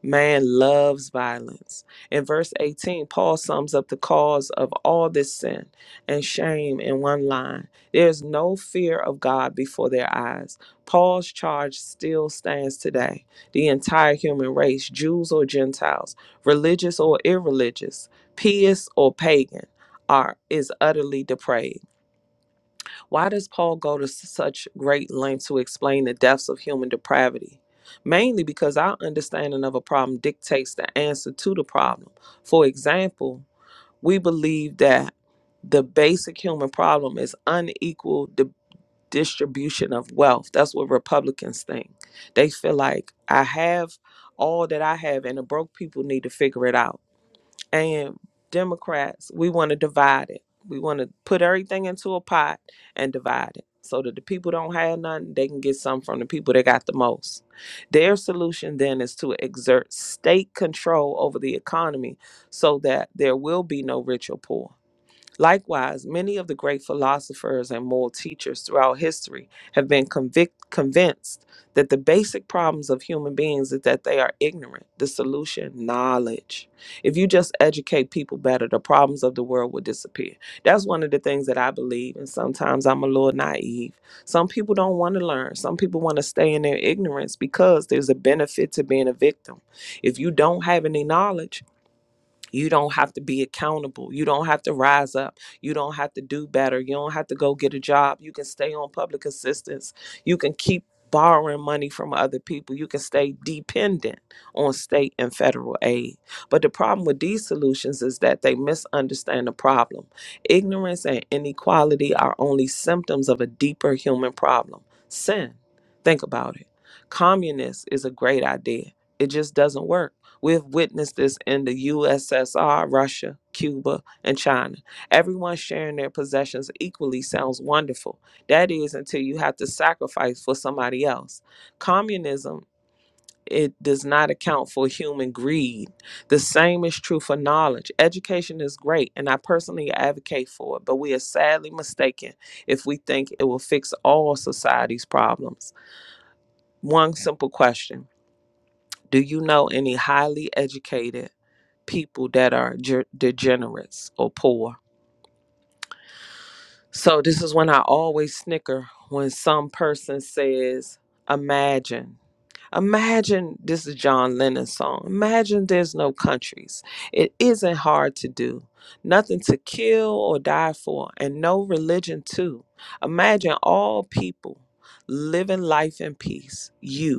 C: Man loves violence. In verse 18, Paul sums up the cause of all this sin and shame in one line There is no fear of God before their eyes. Paul's charge still stands today. The entire human race, Jews or Gentiles, religious or irreligious, pious or pagan, are is utterly depraved. Why does Paul go to such great length to explain the depths of human depravity? Mainly because our understanding of a problem dictates the answer to the problem. For example, we believe that the basic human problem is unequal di- distribution of wealth. That's what Republicans think. They feel like I have all that I have and the broke people need to figure it out and Democrats, we want to divide it. We want to put everything into a pot and divide it so that the people don't have nothing, they can get some from the people that got the most. Their solution then is to exert state control over the economy so that there will be no rich or poor Likewise, many of the great philosophers and moral teachers throughout history have been convict- convinced that the basic problems of human beings is that they are ignorant. The solution, knowledge. If you just educate people better, the problems of the world will disappear. That's one of the things that I believe, and sometimes I'm a little naive. Some people don't want to learn, some people want to stay in their ignorance because there's a benefit to being a victim. If you don't have any knowledge, you don't have to be accountable. You don't have to rise up. You don't have to do better. You don't have to go get a job. You can stay on public assistance. You can keep borrowing money from other people. You can stay dependent on state and federal aid. But the problem with these solutions is that they misunderstand the problem. Ignorance and inequality are only symptoms of a deeper human problem sin. Think about it. Communist is a great idea, it just doesn't work We've witnessed this in the USSR, Russia, Cuba, and China. Everyone sharing their possessions equally sounds wonderful. That is, until you have to sacrifice for somebody else. Communism. It does not account for human greed. The same is true for knowledge. Education is great, and I personally advocate for it, but we are sadly mistaken if we think it will fix all society's problems. One simple question Do you know any highly educated? people that are ger- degenerates or poor. So this is when I always snicker when some person says, "Imagine." Imagine this is John Lennon's song. Imagine there's no countries. It isn't hard to do. Nothing to kill or die for, and no religion too. Imagine all people living life in peace. You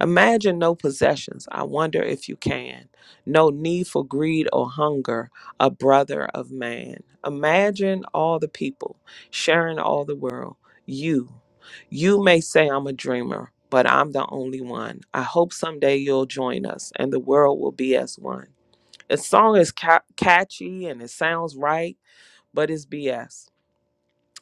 C: Imagine no possessions. I wonder if you can. No need for greed or hunger, a brother of man. Imagine all the people sharing all the world. You. You may say I'm a dreamer, but I'm the only one. I hope someday you'll join us and the world will be as one. The song is ca- catchy and it sounds right, but it's BS.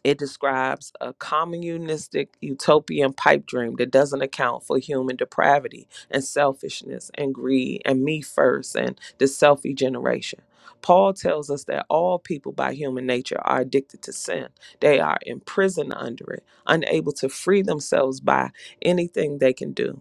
C: It describes a communistic utopian pipe dream that doesn't account for human depravity and selfishness and greed and me first and the selfie generation. Paul tells us that all people by human nature are addicted to sin. They are imprisoned under it, unable to free themselves by anything they can do.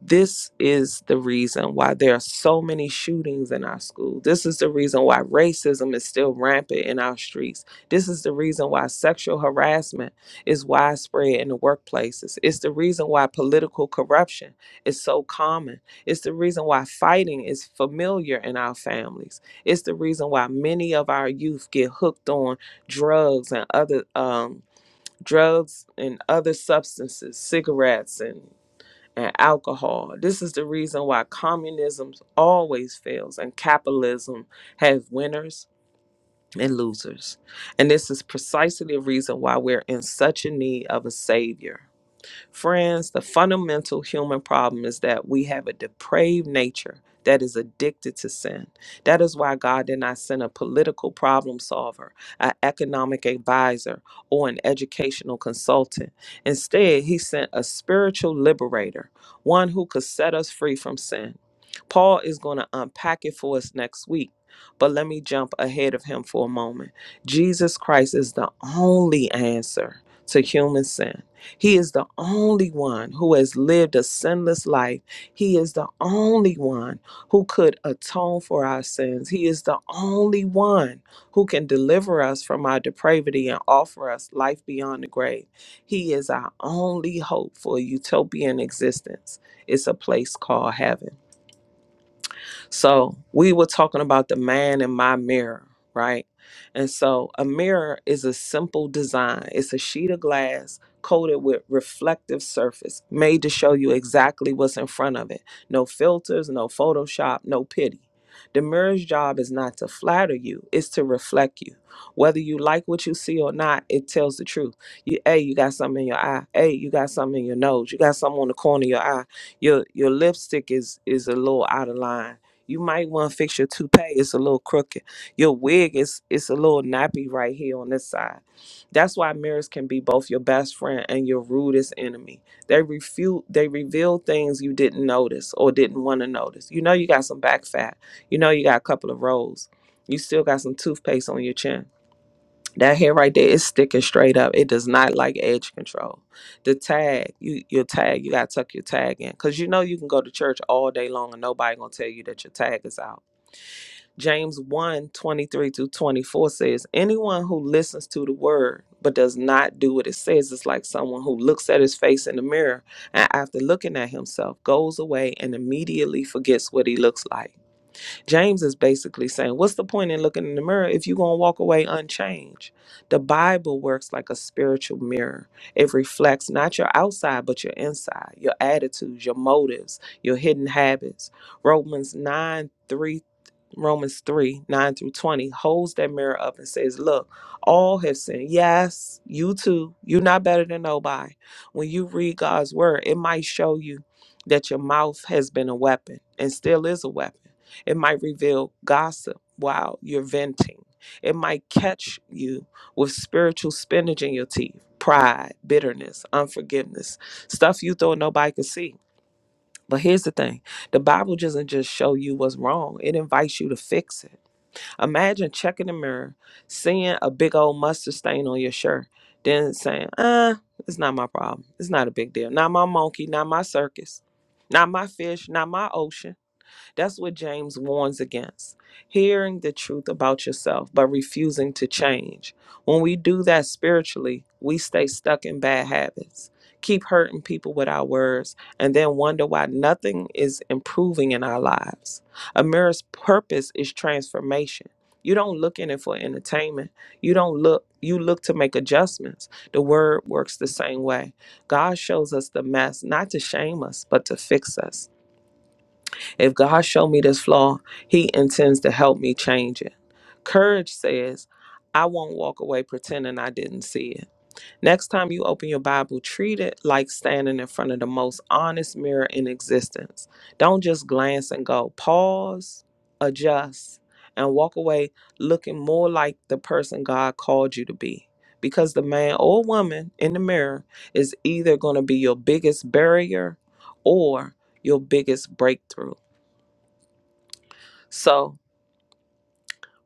C: This is the reason why there are so many shootings in our school. This is the reason why racism is still rampant in our streets. This is the reason why sexual harassment is widespread in the workplaces. It's the reason why political corruption is so common. It's the reason why fighting is familiar in our families. It's the reason why many of our youth get hooked on drugs and other um, drugs and other substances, cigarettes and and alcohol. This is the reason why communism always fails and capitalism has winners and losers. And this is precisely the reason why we're in such a need of a savior Friends, the fundamental human problem is that we have a depraved nature that is addicted to sin. That is why God did not send a political problem solver, an economic advisor, or an educational consultant. Instead, He sent a spiritual liberator, one who could set us free from sin. Paul is going to unpack it for us next week, but let me jump ahead of him for a moment. Jesus Christ is the only answer to human sin. He is the only one who has lived a sinless life. He is the only one who could atone for our sins. He is the only one who can deliver us from our depravity and offer us life beyond the grave. He is our only hope for a utopian existence. It's a place called heaven. So we were talking about the man in my mirror, right? And so a mirror is a simple design. It's a sheet of glass coated with reflective surface, made to show you exactly what's in front of it. No filters, no Photoshop, no pity. The mirror's job is not to flatter you, it's to reflect you. Whether you like what you see or not, it tells the truth. You hey, you got something in your eye. Hey, you got something in your nose. You got something on the corner of your eye. Your your lipstick is is a little out of line you might want to fix your toupee. It's a little crooked. Your wig is it's a little nappy right here on this side. That's why mirrors can be both your best friend and your rudest enemy. They refute, they reveal things you didn't notice or didn't want to notice. You know you got some back fat. You know you got a couple of rolls. You still got some toothpaste on your chin that hair right there is sticking straight up. It does not like edge control. The tag, you your tag, you gotta tuck your tag in. Cause you know you can go to church all day long and nobody gonna tell you that your tag is out. James one twenty three 23 through 24 says, Anyone who listens to the word but does not do what it says is like someone who looks at his face in the mirror and after looking at himself goes away and immediately forgets what he looks like. James is basically saying, What's the point in looking in the mirror if you're going to walk away unchanged? The Bible works like a spiritual mirror. It reflects not your outside, but your inside, your attitudes, your motives, your hidden habits. Romans 9 three. Romans 3 9 through 20 holds that mirror up and says, Look, all have sinned. Yes, you too. You're not better than nobody. When you read God's word, it might show you that your mouth has been a weapon and still is a weapon. It might reveal gossip while you're venting, it might catch you with spiritual spinach in your teeth, pride, bitterness, unforgiveness, stuff you thought nobody could see but here's the thing the Bible doesn't just show you what's wrong, it invites you to fix it. Imagine checking the mirror, seeing a big old mustard stain on your shirt, then saying, uh, it's not my problem. It's not a big deal. Not my monkey, not my circus, not my fish, not my ocean. That's what James warns against hearing the truth about yourself, but refusing to change. When we do that spiritually, we stay stuck in bad habits, keep hurting people with our words, and then wonder why nothing is improving in our lives. A mirror's purpose is transformation. You don't look in it for entertainment. You don't look, you look to make adjustments. The word works the same way. God shows us the mess, not to shame us, but to fix us. If God showed me this flaw, he intends to help me change it. Courage says, I won't walk away pretending I didn't see it. Next time you open your Bible, treat it like standing in front of the most honest mirror in existence. Don't just glance and go. Pause, adjust, and walk away looking more like the person God called you to be. Because the man or woman in the mirror is either going to be your biggest barrier or your biggest breakthrough. So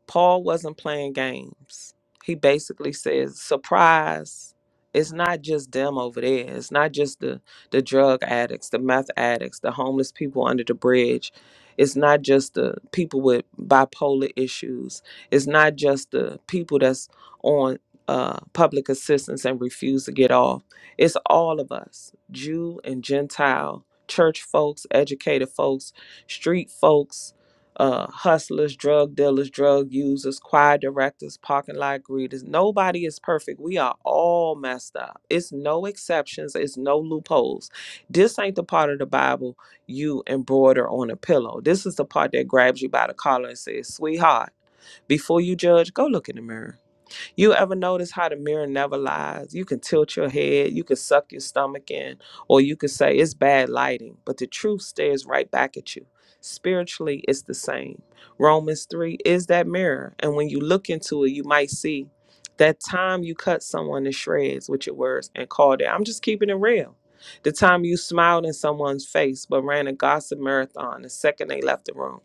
C: Paul wasn't playing games. He basically says, surprise, it's not just them over there. It's not just the, the drug addicts, the meth addicts, the homeless people under the bridge. It's not just the people with bipolar issues. It's not just the people that's on uh, public assistance and refuse to get off. It's all of us, Jew and Gentile, church folks, educated folks, street folks, uh, hustlers, drug dealers, drug users, choir directors, parking lot greeters. Nobody is perfect. We are all messed up. It's no exceptions, it's no loopholes. This ain't the part of the Bible you embroider on a pillow. This is the part that grabs you by the collar and says, Sweetheart, before you judge, go look in the mirror. You ever notice how the mirror never lies? You can tilt your head, you can suck your stomach in, or you can say it's bad lighting, but the truth stares right back at you. Spiritually, it's the same. Romans 3 is that mirror, and when you look into it, you might see that time you cut someone to shreds with your words and called it. I'm just keeping it real. The time you smiled in someone's face but ran a gossip marathon the second they left the room.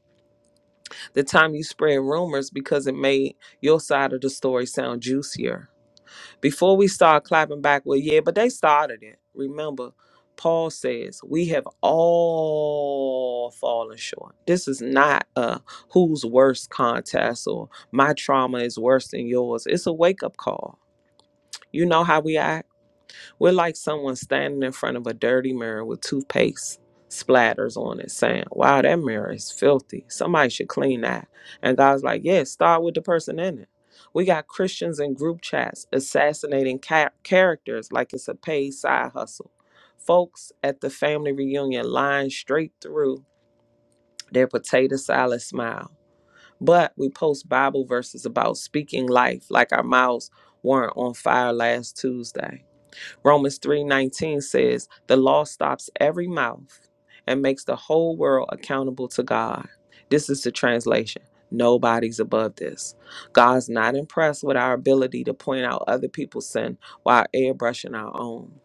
C: The time you spread rumors because it made your side of the story sound juicier before we start clapping back, well, yeah, but they started it. Remember, Paul says we have all fallen short. This is not a who's worse contest or my trauma is worse than yours. It's a wake up call. You know how we act. We're like someone standing in front of a dirty mirror with toothpaste splatters on it, saying, Wow, that mirror is filthy. Somebody should clean that. And God's like, Yeah, start with the person in it. We got Christians in group chats assassinating ca- characters like it's a paid side hustle. Folks at the family reunion lying straight through their potato salad smile. But we post Bible verses about speaking life like our mouths weren't on fire last Tuesday. Romans 3:19 says, "The law stops every mouth and makes the whole world accountable to God." This is the translation. Nobody's above this. God's not impressed with our ability to point out other people's sin while airbrushing our own.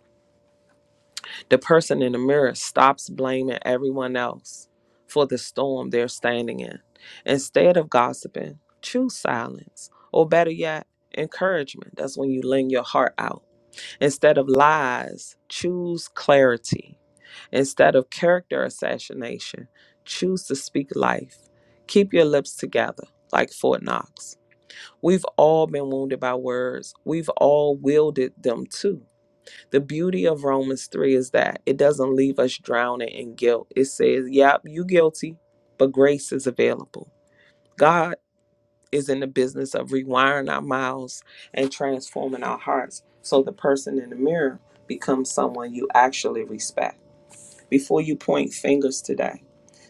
C: The person in the mirror stops blaming everyone else for the storm they're standing in. Instead of gossiping, choose silence, or better yet, encouragement. That's when you lend your heart out. Instead of lies, choose clarity. Instead of character assassination, choose to speak life. Keep your lips together like Fort Knox. We've all been wounded by words. We've all wielded them too. The beauty of Romans 3 is that it doesn't leave us drowning in guilt. It says, yep, you guilty, but grace is available. God is in the business of rewiring our mouths and transforming our hearts so the person in the mirror becomes someone you actually respect. Before you point fingers today,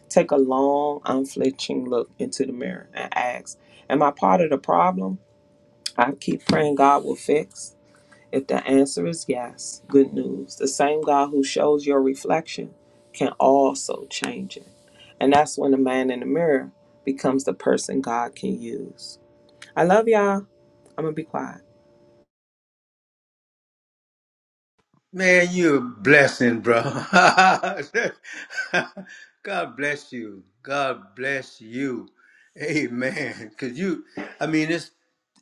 C: take a long, unflinching look into the mirror and ask, Am I part of the problem? I keep praying God will fix. If the answer is yes, good news. The same God who shows your reflection can also change it. And that's when the man in the mirror becomes the person God can use. I love y'all. I'm gonna be quiet.
A: Man, you're a blessing, bro. God bless you. God bless you. Amen. Cause you, I mean, it's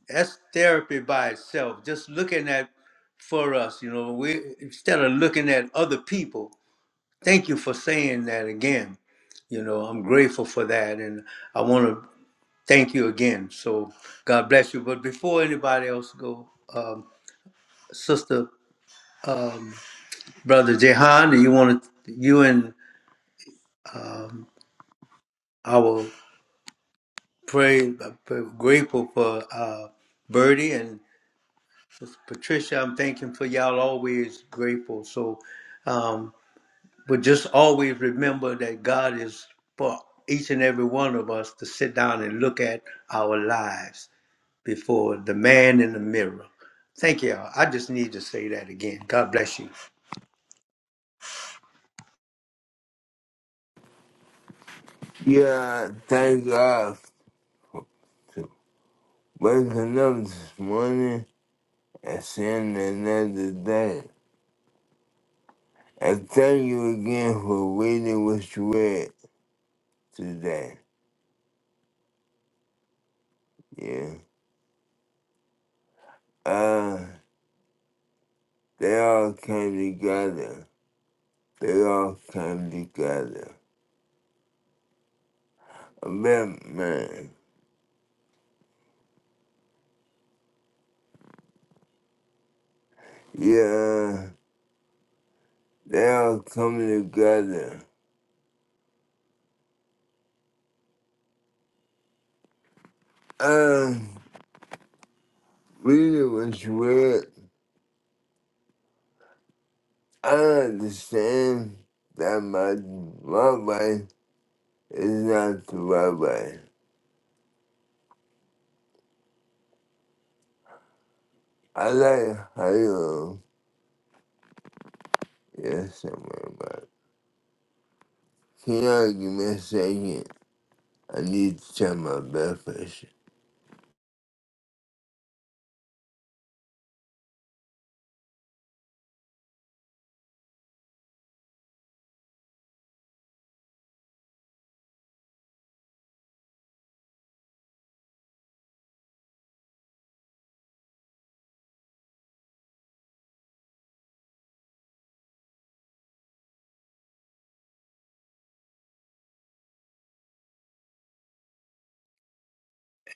A: that's therapy by itself. Just looking at for us, you know, we instead of looking at other people. Thank you for saying that again. You know, I'm grateful for that, and I want to thank you again. So God bless you. But before anybody else go, um, Sister um, Brother Jehan, you want to, you and I will pray, pray- grateful for uh, Birdie and Sister Patricia. I'm thanking for y'all always grateful. So, um, but just always remember that God is for each and every one of us to sit down and look at our lives before the man in the mirror. Thank y'all. I just need to say that again. God bless you.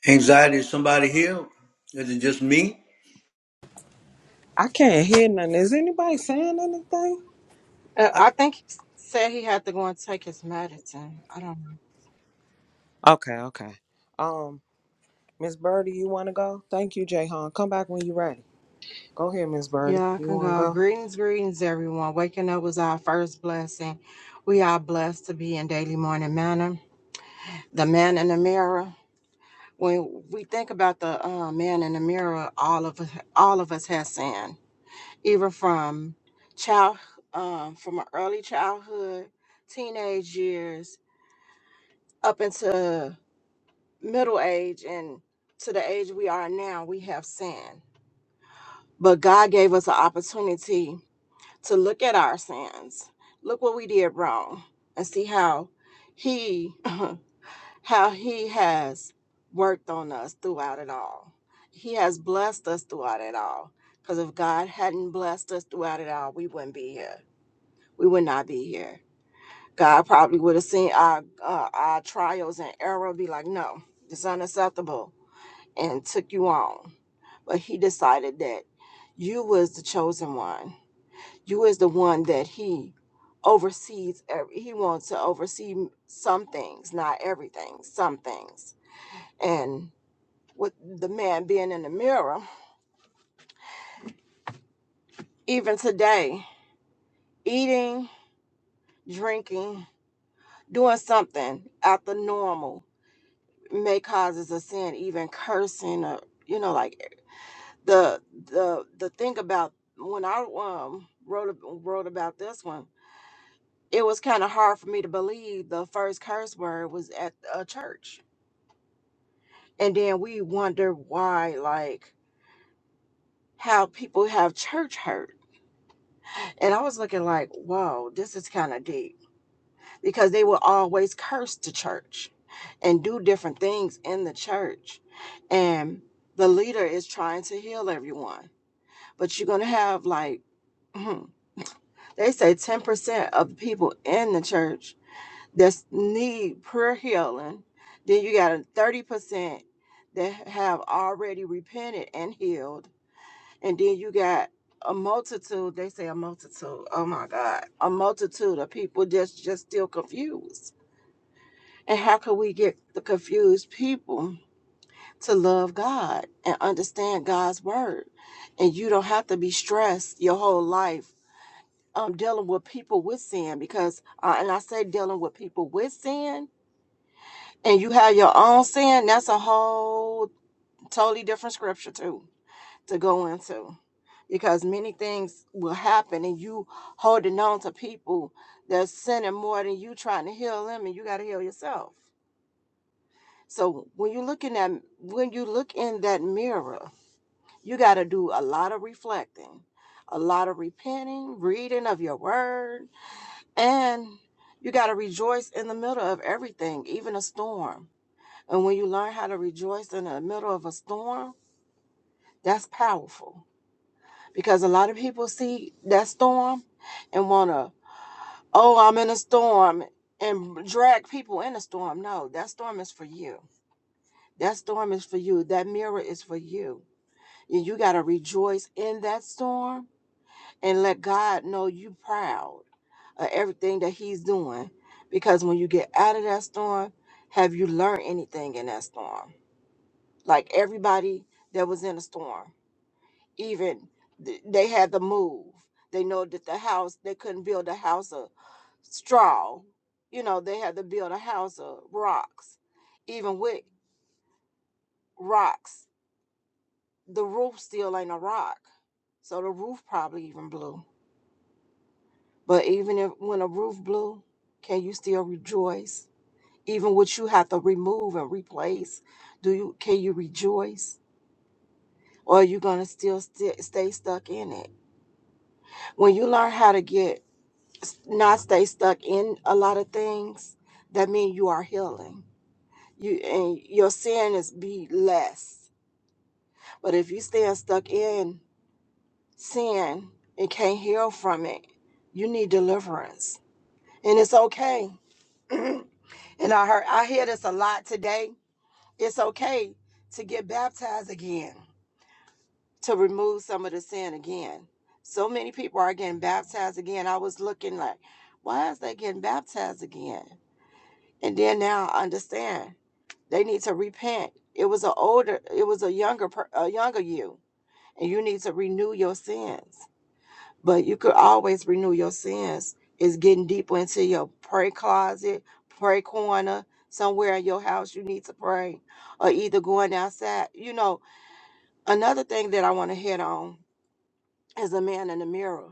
A: Anxiety, is somebody here? Is it just me?
C: I can't hear nothing. Is anybody saying anything?
D: Uh, I think he said he had to go and take his medicine. I don't know.
C: Okay, okay. Um, Miss Birdie, you want to go? Thank you, Jayhan. Come back when you're ready. Go ahead, Miss Birdie.
D: Yeah, I
C: You
D: can
C: want to
D: go.
C: go?
D: Greetings, greetings, everyone. Waking up was our first blessing. We are blessed to be in daily morning manner. The man in the mirror. When we think about the uh, man in the mirror, all of us, all of us has sin, even from child, um, from early childhood, teenage years, up into middle age, and to the age we are now. We have sin But God gave us an opportunity to look at our sins, look what we did wrong, and see how He how he has worked on us throughout it all. He has blessed us throughout it all. Because if God hadn't blessed us throughout it all, we wouldn't be here. We would not be here. God probably would have seen our uh, our trials and error, be like, "No, it's unacceptable," and took you on. But He decided that you was the chosen one you is the one that he oversees. Every, he wants to oversee some things, not everything, some things. And with the man being in the mirror, even today, eating, drinking, doing something out the normal may causes a sin, even cursing or you know, like the the the thing about when I um wrote wrote about this one, it was kind of hard for me to believe the first curse word was at a church and then we wonder why like how people have church hurt and i was looking like whoa this is kind of deep because they will always curse the church and do different things in the church and the leader is trying to heal everyone but you're going to have like Mhm. they say 10% of the people in the church that need prayer healing then you got a 30% that have already repented and healed And then you got a multitude, they say a multitude. Oh my God. A multitude of people just just still confused. And how can we get the confused people to love God and understand God's word? And you don't have to be stressed your whole life um dealing with people with sin because uh, and I say dealing with people with sin and you have your own sin, that's a whole totally different scripture too to go into because many things will happen and you holding on to people that's sinning more than you trying to heal them and you got to heal yourself so when you look in that when you look in that mirror you got to do a lot of reflecting a lot of repenting reading of your word and you got to rejoice in the middle of everything even a storm and when you learn how to rejoice in the middle of a storm that's powerful because a lot of people see that storm and want to, oh, I'm in a storm and drag people in a storm. No, that storm is for you. That storm is for you. That mirror is for you. And you got to rejoice in that storm and let God know you proud of everything that he's doing because when you get out of that storm, have you learned anything in that storm? Like everybody that was in a storm even th- they had to move. They know that the house they couldn't build a house of straw. You know, they had to build a house of rocks. Even with rocks, the roof still ain't a rock. So the roof probably even blew. But even if when a roof blew, can you still rejoice? Even what you have to remove and replace, do you can you rejoice? Or are you gonna still st- stay stuck in it? When you learn how to get s- not stay stuck in a lot of things that means you are healing you and your sin is be less but if you stay stuck in sin and can't heal from it you need deliverance and it's okay and i heard i hear this a lot today it's okay to get baptized again to remove some of the sin again so many people are getting baptized again i was looking like why is they getting baptized again And then now I understand they need to repent. It was a older, it was a younger, per- a younger you, and you need to renew your sins. But you could always renew your sins. Is getting deeper into your prayer closet, prayer corner, somewhere in your house you need to pray, or either going outside. You know, another thing that I want to hit on is the man in the mirror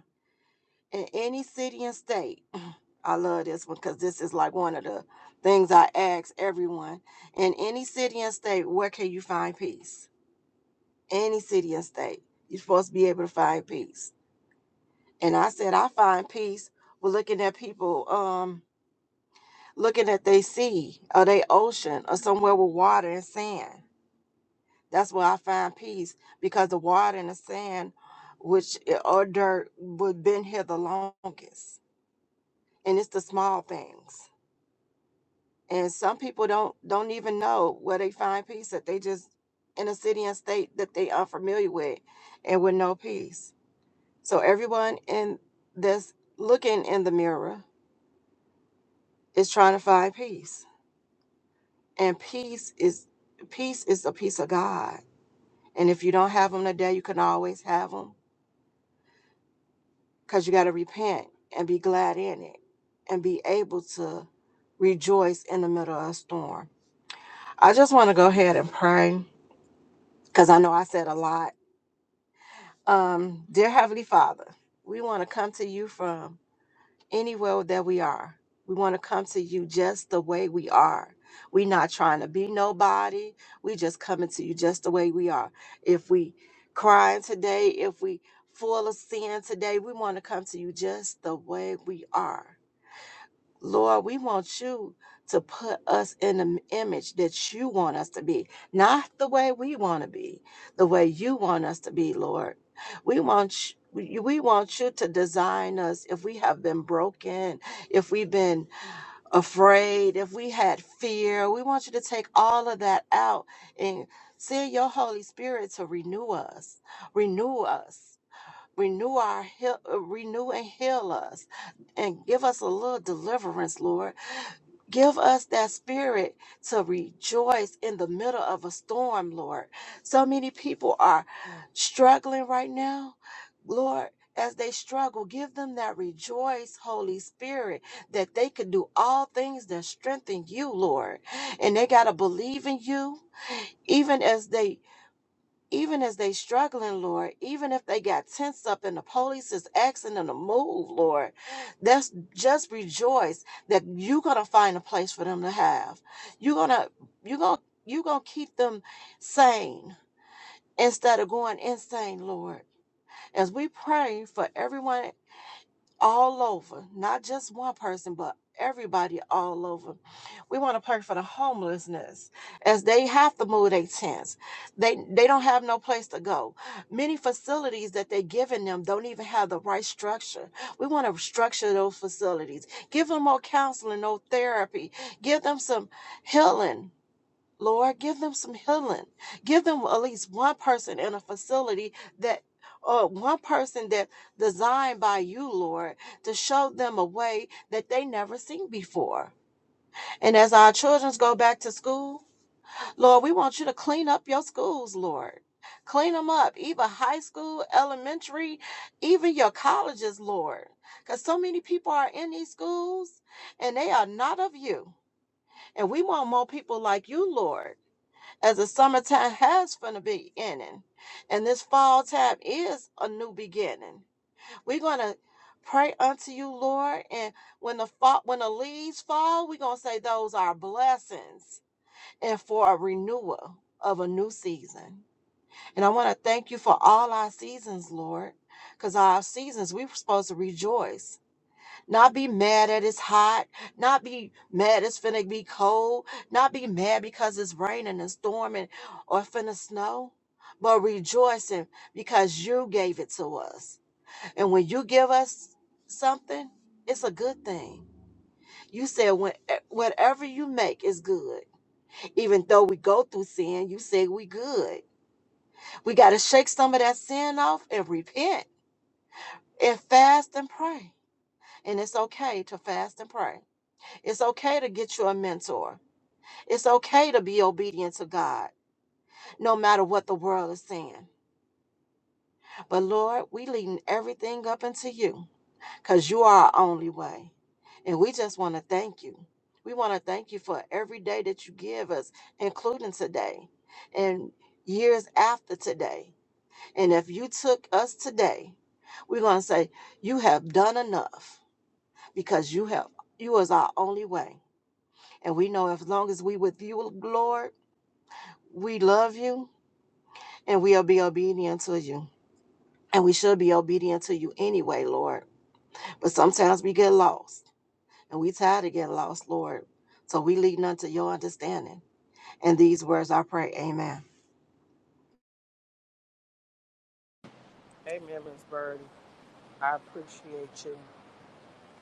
D: in any city and state. I love this one because this is like one of the things I ask everyone. In any city and state, where can you find peace? Any city and state, you're supposed to be able to find peace. And I said, I find peace with looking at people, um, looking at their sea or their ocean or somewhere with water and sand. That's where I find peace because the water and the sand, which eh, or dirt, would been here the longest. And it's the small things and some people don't don't even know where they find peace that they just in a city and state that they are familiar with and with no peace so everyone in that's looking in the mirror is trying to find peace and peace is peace is a piece of god and if you don't have them today you can always have them because you got to repent and be glad in it and be able to rejoice in the middle of a storm i just want to go ahead and pray because i know i said a lot Um, dear Heavenly Father, we want to come to you from anywhere that we are. We want to come to you just the way we are. We're not trying to be nobody. We just coming to you just the way we are. If we crying today, if we full of sin today, we want to come to you just the way we are. Lord, we want you to put us in the image that you want us to be, not the way we want to be, the way you want us to be, Lord. We want you. We we want you to design us if we have been broken, if we've been afraid, if we had fear. We want you to take all of that out and send your Holy Spirit to renew us, renew us, renew our heal, uh, renew and heal us, and give us a little deliverance, Lord Give us that spirit to rejoice in the middle of a storm, Lord. So many people are struggling right now, Lord. As they struggle, give them that rejoice, Holy Spirit, that they can do all things that strengthen you, Lord. And they got to believe in you, even as they even as they struggling, Lord, even if they got tensed up and the police is asking them to move, Lord, that's just rejoice that you're gonna find a place for them to have. You're gonna you're gonna you're gonna keep them sane instead of going insane, Lord. As we pray for everyone all over, not just one person, but everybody all over. We want to pray for the homelessness as they have to move their tents. They they don't have no place to go. Many facilities that they're giving them don't even have the right structure. We want to structure those facilities. Give them more counseling, no therapy. Give them some healing Lord, give them some healing. Give them at least one person in a facility that, or one person that designed by you, Lord, to show them a way that they never seen before. And as our children go back to school, Lord, we want you to clean up your schools, Lord. Clean them up, even high school, elementary, even your colleges, Lord. Because so many people are in these schools and they are not of you. And we want more people like you, Lord as the summertime has from the beginning, and this fall time is a new beginning. We're gonna pray unto you, Lord, and when the fall, when the leaves fall, we're gonna say those are blessings and for a renewal of a new season. And I want to thank you for all our seasons, Lord, because our seasons we are supposed to rejoice not be mad at it's hot. Not be mad it's finna be cold. Not be mad because it's raining and storming or finna snow. But rejoicing because you gave it to us. And when you give us something, it's a good thing. You said when eh, whatever you make is good. Even though we go through sin, you say we good. We gotta shake some of that sin off and repent and fast and pray. And it's okay to fast and pray It's okay to get you a mentor. It's okay to be obedient to God, no matter what the world is saying. But Lord, we leading everything up into you because you are our only way. And we just want to thank you. We want to thank you for every day that you give us, including today and years after today. And if you took us today, we're going to say, You have done enough because you have, you is our only way. And we know as long as we with you, Lord, We love you and we'll be obedient to you. And we should be obedient to you anyway, Lord. But sometimes we get lost and we tired of getting lost, Lord. So we lead none to your understanding. And these words I pray, Amen.
C: Hey, Miss Birdie. I appreciate you.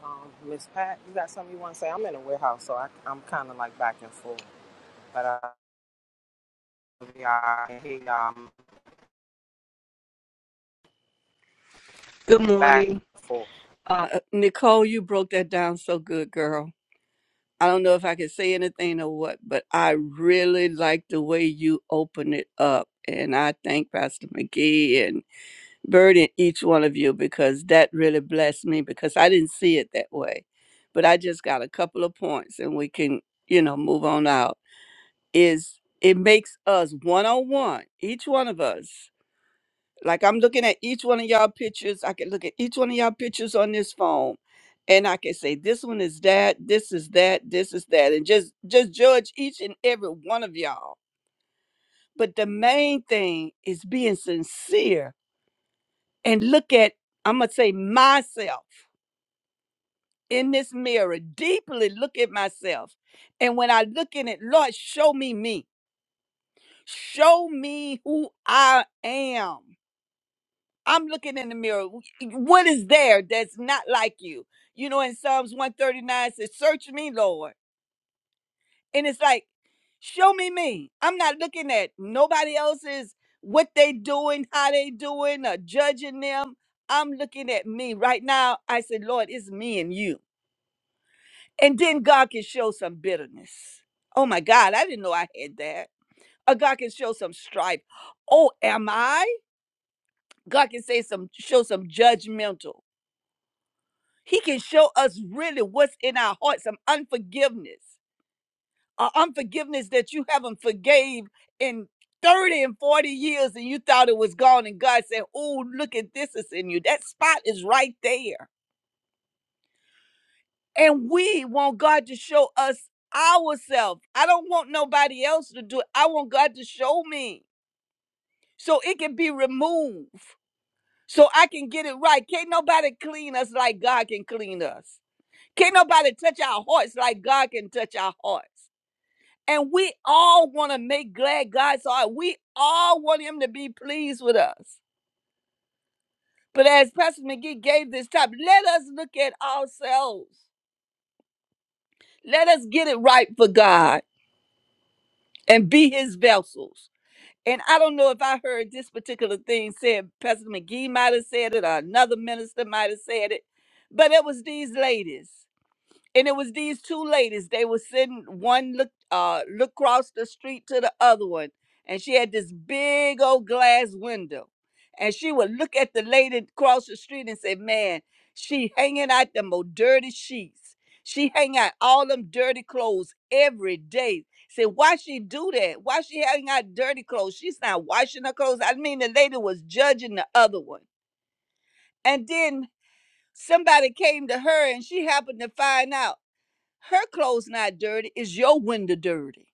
C: Um, Miss Pat, you got something you want to say? I'm in a warehouse, so I, I'm kind of like back and forth. But I, love y'all. I can hear y'all I'm
E: Good
C: back
E: morning.
C: and forth.
E: Uh, Nicole, you broke that down so good, girl. I don't know if I can say anything or what, but I really like the way you open it up. And I thank Pastor McGee and Bird and each one of you because that really blessed me because I didn't see it that way. But I just got a couple of points and we can, you know, move on out. Is it makes us one on one, each one of us like I'm looking at each one of y'all pictures. I can look at each one of y'all pictures on this phone and I can say this one is that, this is that, this is that and just just judge each and every one of y'all. But the main thing is being sincere and look at I'm going to say myself in this mirror, deeply look at myself. And when I look in it, Lord, show me me. Show me who I am. I'm looking in the mirror. What is there that's not like you? You know, in Psalms 139 says, Search me, Lord. And it's like, show me me. I'm not looking at nobody else's what they doing, how they doing, or judging them. I'm looking at me. Right now, I said, Lord, it's me and you. And then God can show some bitterness. Oh my God, I didn't know I had that. Or God can show some strife. Oh, am I? God can say some show some judgmental. He can show us really what's in our hearts, some unforgiveness, or unforgiveness that you haven't forgave in 30 and 40 years and you thought it was gone. And God said, Oh, look at this is in you. That spot is right there. And we want God to show us ourselves. I don't want nobody else to do it. I want God to show me so it can be removed, so I can get it right. Can't nobody clean us like God can clean us. Can't nobody touch our hearts like God can touch our hearts. And we all want to make glad God's heart. We all want Him to be pleased with us. But as Pastor McGee gave this time, let us look at ourselves. Let us get it right for God and be His vessels. And I don't know if I heard this particular thing said. Pastor McGee might have said it, or another minister might have said it. But it was these ladies. and it was these two ladies. They were sitting one looked uh looked across the street to the other one, and she had this big old glass window, and she would look at the lady across the street and say, "Man, she hanging out them old dirty sheets. She hang out all them dirty clothes every day." Say, why she do that? Why she hanging out dirty clothes? She's not washing her clothes. I mean, the lady was judging the other one, and then somebody came to her, and she happened to find out. Her clothes not dirty. Is your window dirty?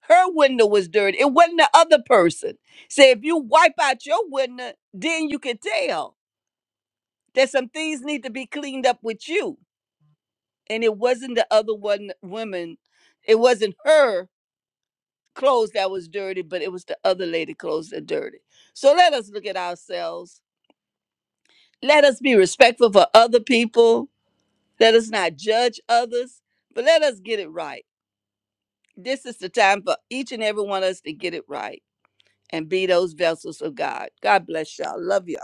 E: Her window was dirty. It wasn't the other person. Say if you wipe out your window, then you can tell that some things need to be cleaned up with you. And it wasn't the other one woman. It wasn't her clothes that was dirty, but it was the other lady clothes that dirty. So let us look at ourselves. Let us be respectful for other people. Let us not judge others, but let us get it right. This is the time for each and every one of us to get it right and be those vessels of God. God bless y'all. Love y'all.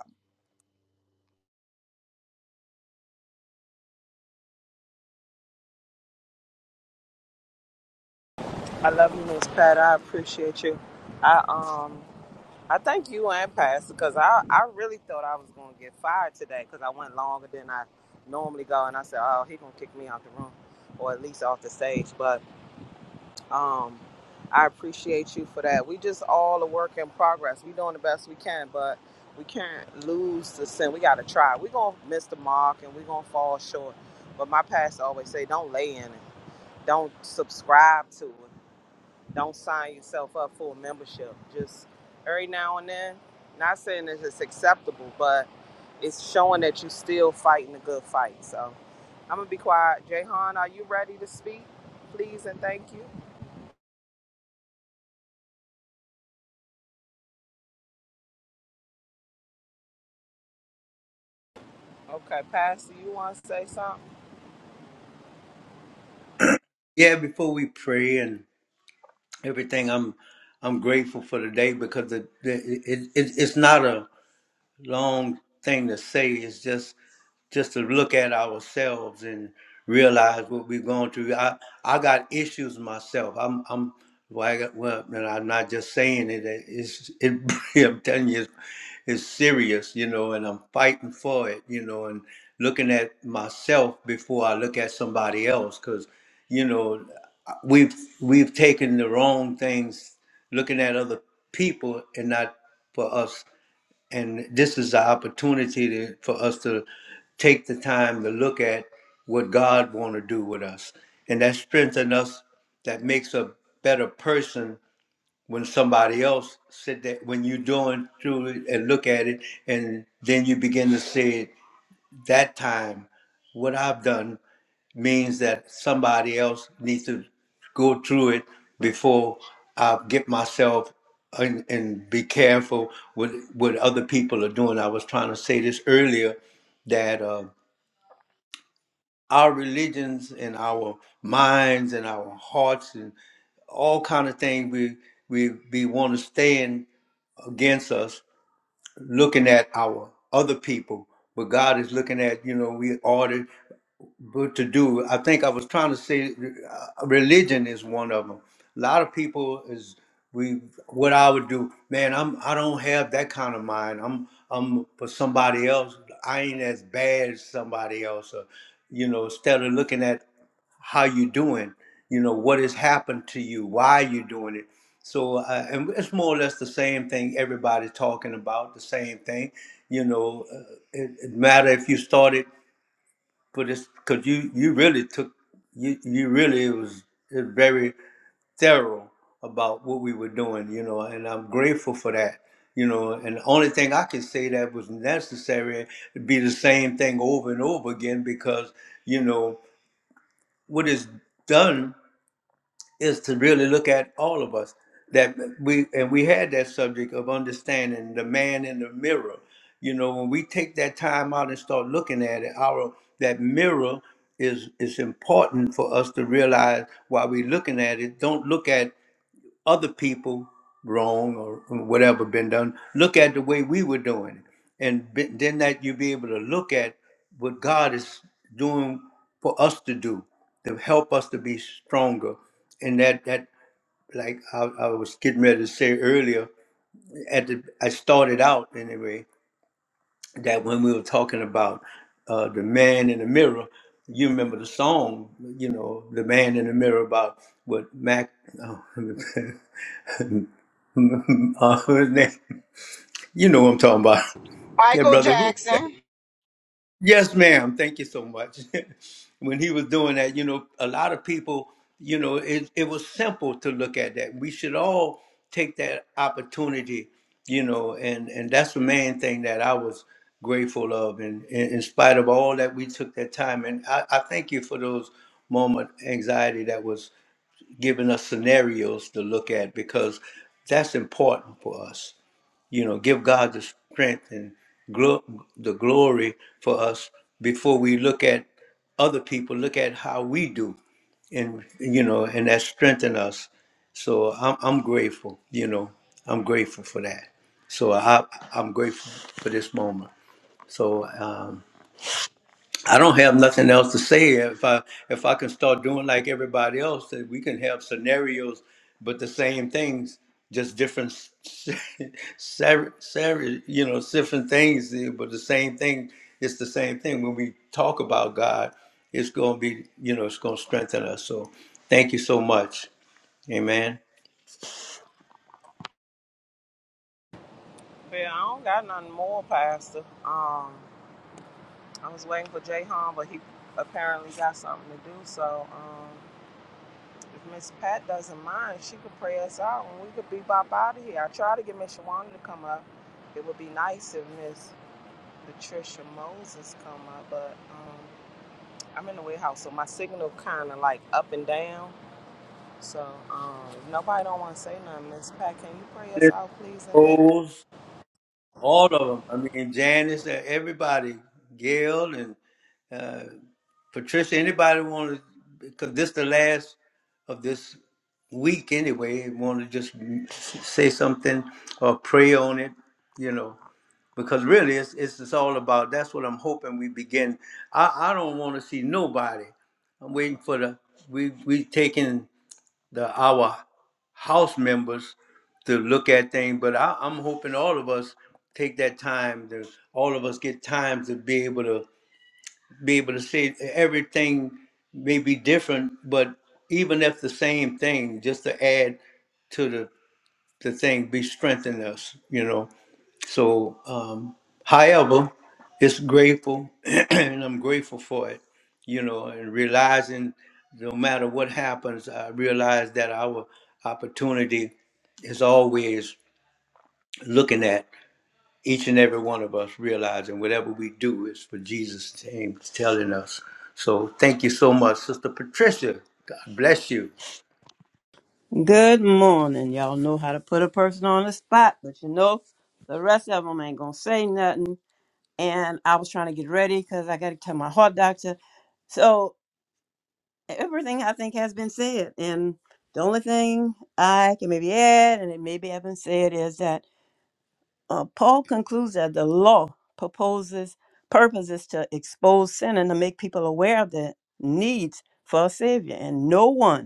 C: I love you, Miss Pat. I appreciate you. I um. I thank you and Pastor because I, I really thought I was going to get fired today because I went longer than I normally go. And I said, oh, he going to kick me out the room or at least off the stage. But um, I appreciate you for that. We just all a work in progress. we doing the best we can, but we can't lose the sin. We got to try. we going to miss the mark and we going to fall short. But my pastor always say, don't lay in it. Don't subscribe to it. Don't sign yourself up for a membership. Just every now and then. Not saying that it's acceptable, but it's showing that you're still fighting a good fight. So I'm gonna be quiet. Jayhan, are you ready to speak? Please and thank you. Okay, Pastor, you want to say something?
A: Yeah, before we pray and everything. I'm I'm grateful for the day because it, it, it, it's not a long thing to say. is just just to look at ourselves and realize what we're going through. I I got issues myself. I'm I'm well, I got, well and I'm not just saying it. It's it. I'm telling you, it's, it's serious, you know, and I'm fighting for it, you know, and looking at myself before I look at somebody else, because you know we've we've taken the wrong things, looking at other people and not for us and this is the opportunity to, for us to take the time to look at what God want to do with us, and that strengthens us. That makes a better person when somebody else said that when you're doing through it and look at it, and then you begin to say it that time. What I've done means that somebody else needs to go through it before I get myself and, and be careful with what other people are doing. I was trying to say this earlier that uh, our religions and our minds and our hearts and all kind of things we we we want to stand against us looking at our other people, but God is looking at you know we ordered but to do i think i was trying to say uh, religion is one of them a lot of people is we what i would do man i'm i don't have that kind of mind i'm i'm for somebody else i ain't as bad as somebody else or, you know instead of looking at how you doing you know what has happened to you why you doing it so uh, and it's more or less the same thing everybody's talking about the same thing you know uh, it, it matter if you started for this because you you really took you you really was, was very thorough about what we were doing you know and i'm grateful for that you know and the only thing i could say that was necessary would be the same thing over and over again because you know what is done is to really look at all of us that we and we had that subject of understanding the man in the mirror you know when we take that time out and start looking at it our that mirror is is important for us to realize while we're looking at it don't look at other people wrong or whatever been done. Look at the way we were doing it, and be- then that you'll be able to look at what God is doing for us to do to help us to be stronger. And that that like I, I was getting ready to say earlier, at the I started out anyway that when we were talking about uh, the man in the mirror, you remember the song, you know, the man in the mirror about what Mac, oh, uh, who's that? you know what I'm talking about. Yeah,
D: Michael
A: brother, who is that?
D: Jackson.
A: Yes, ma'am. Thank you so much. when he was doing that, you know, a lot of people, you know, it, it was simple to look at that. We should all take that opportunity, you know, and, and that's the main thing that I was grateful of. And, and in spite of all that, we took that time. And I, I thank you for those moment anxiety that was giving us scenarios to look at because that's important for us you know, give God the strength and glo- the glory for us before we look at other people, look at how we do, and you know, and that strengthen us. So I'm I'm grateful, you know, I'm grateful for that. So I I'm grateful for this moment. So um, I don't have nothing else to say. If I if I can start doing like everybody else, that we can have scenarios, but the same things, just different, s- ser- ser- you know, different things. eh, But the same thing, it's the same thing. When we talk about God, it's gonna be, you know, it's gonna strengthen us. So, thank you so much. Amen.
C: Yeah, I don't got nothing more, Pastor. Um, I was waiting for Jayhan, but he apparently got something to do. So um, If Miss Pat doesn't mind, she could pray us out and we could be bop out of here. I tried to get Miss Shawana to come up. It would be nice if Miss Patricia Moses come up, but um, I'm in the warehouse, so my signal kind of like up and down. So um, if nobody don't want to say nothing. Miss Pat, can you pray us
A: Miss
C: out, please, and thank
A: Rose, all of them. I mean, Janice, eh, everybody, Gail, and. Patricia, anybody want to, because this the last of this week anyway, want to just say something or pray on it, you know, because really it's, it's, it's all about, that's what I'm hoping we begin. I, I don't want to see nobody. I'm waiting for the, we, we taking the, our house members to look at things, but I, I'm hoping all of us take that time to, all of us get time to be able to be able to say everything may be different, but even if the same thing, just to add to the, the thing, be strengthen us, you know. So, um, however, it's grateful, and I'm grateful for it, you know, and realizing no matter what happens, I realize that our opportunity is always looking at each and every one of us realizing whatever we do is for Jesus' name telling us. So thank you so much, Sister Patricia. God bless you.
F: Good morning. Y'all know how to put a person on the spot, but you know, the rest of them ain't gonna say nothing. And I was trying to get ready because I got to tell my heart doctor. So everything I think has been said, and the only thing I can maybe add, and it maybe haven't said, is that uh, Paul concludes that the law proposes purposes to expose sin and to make people aware of the needs for a savior, and no one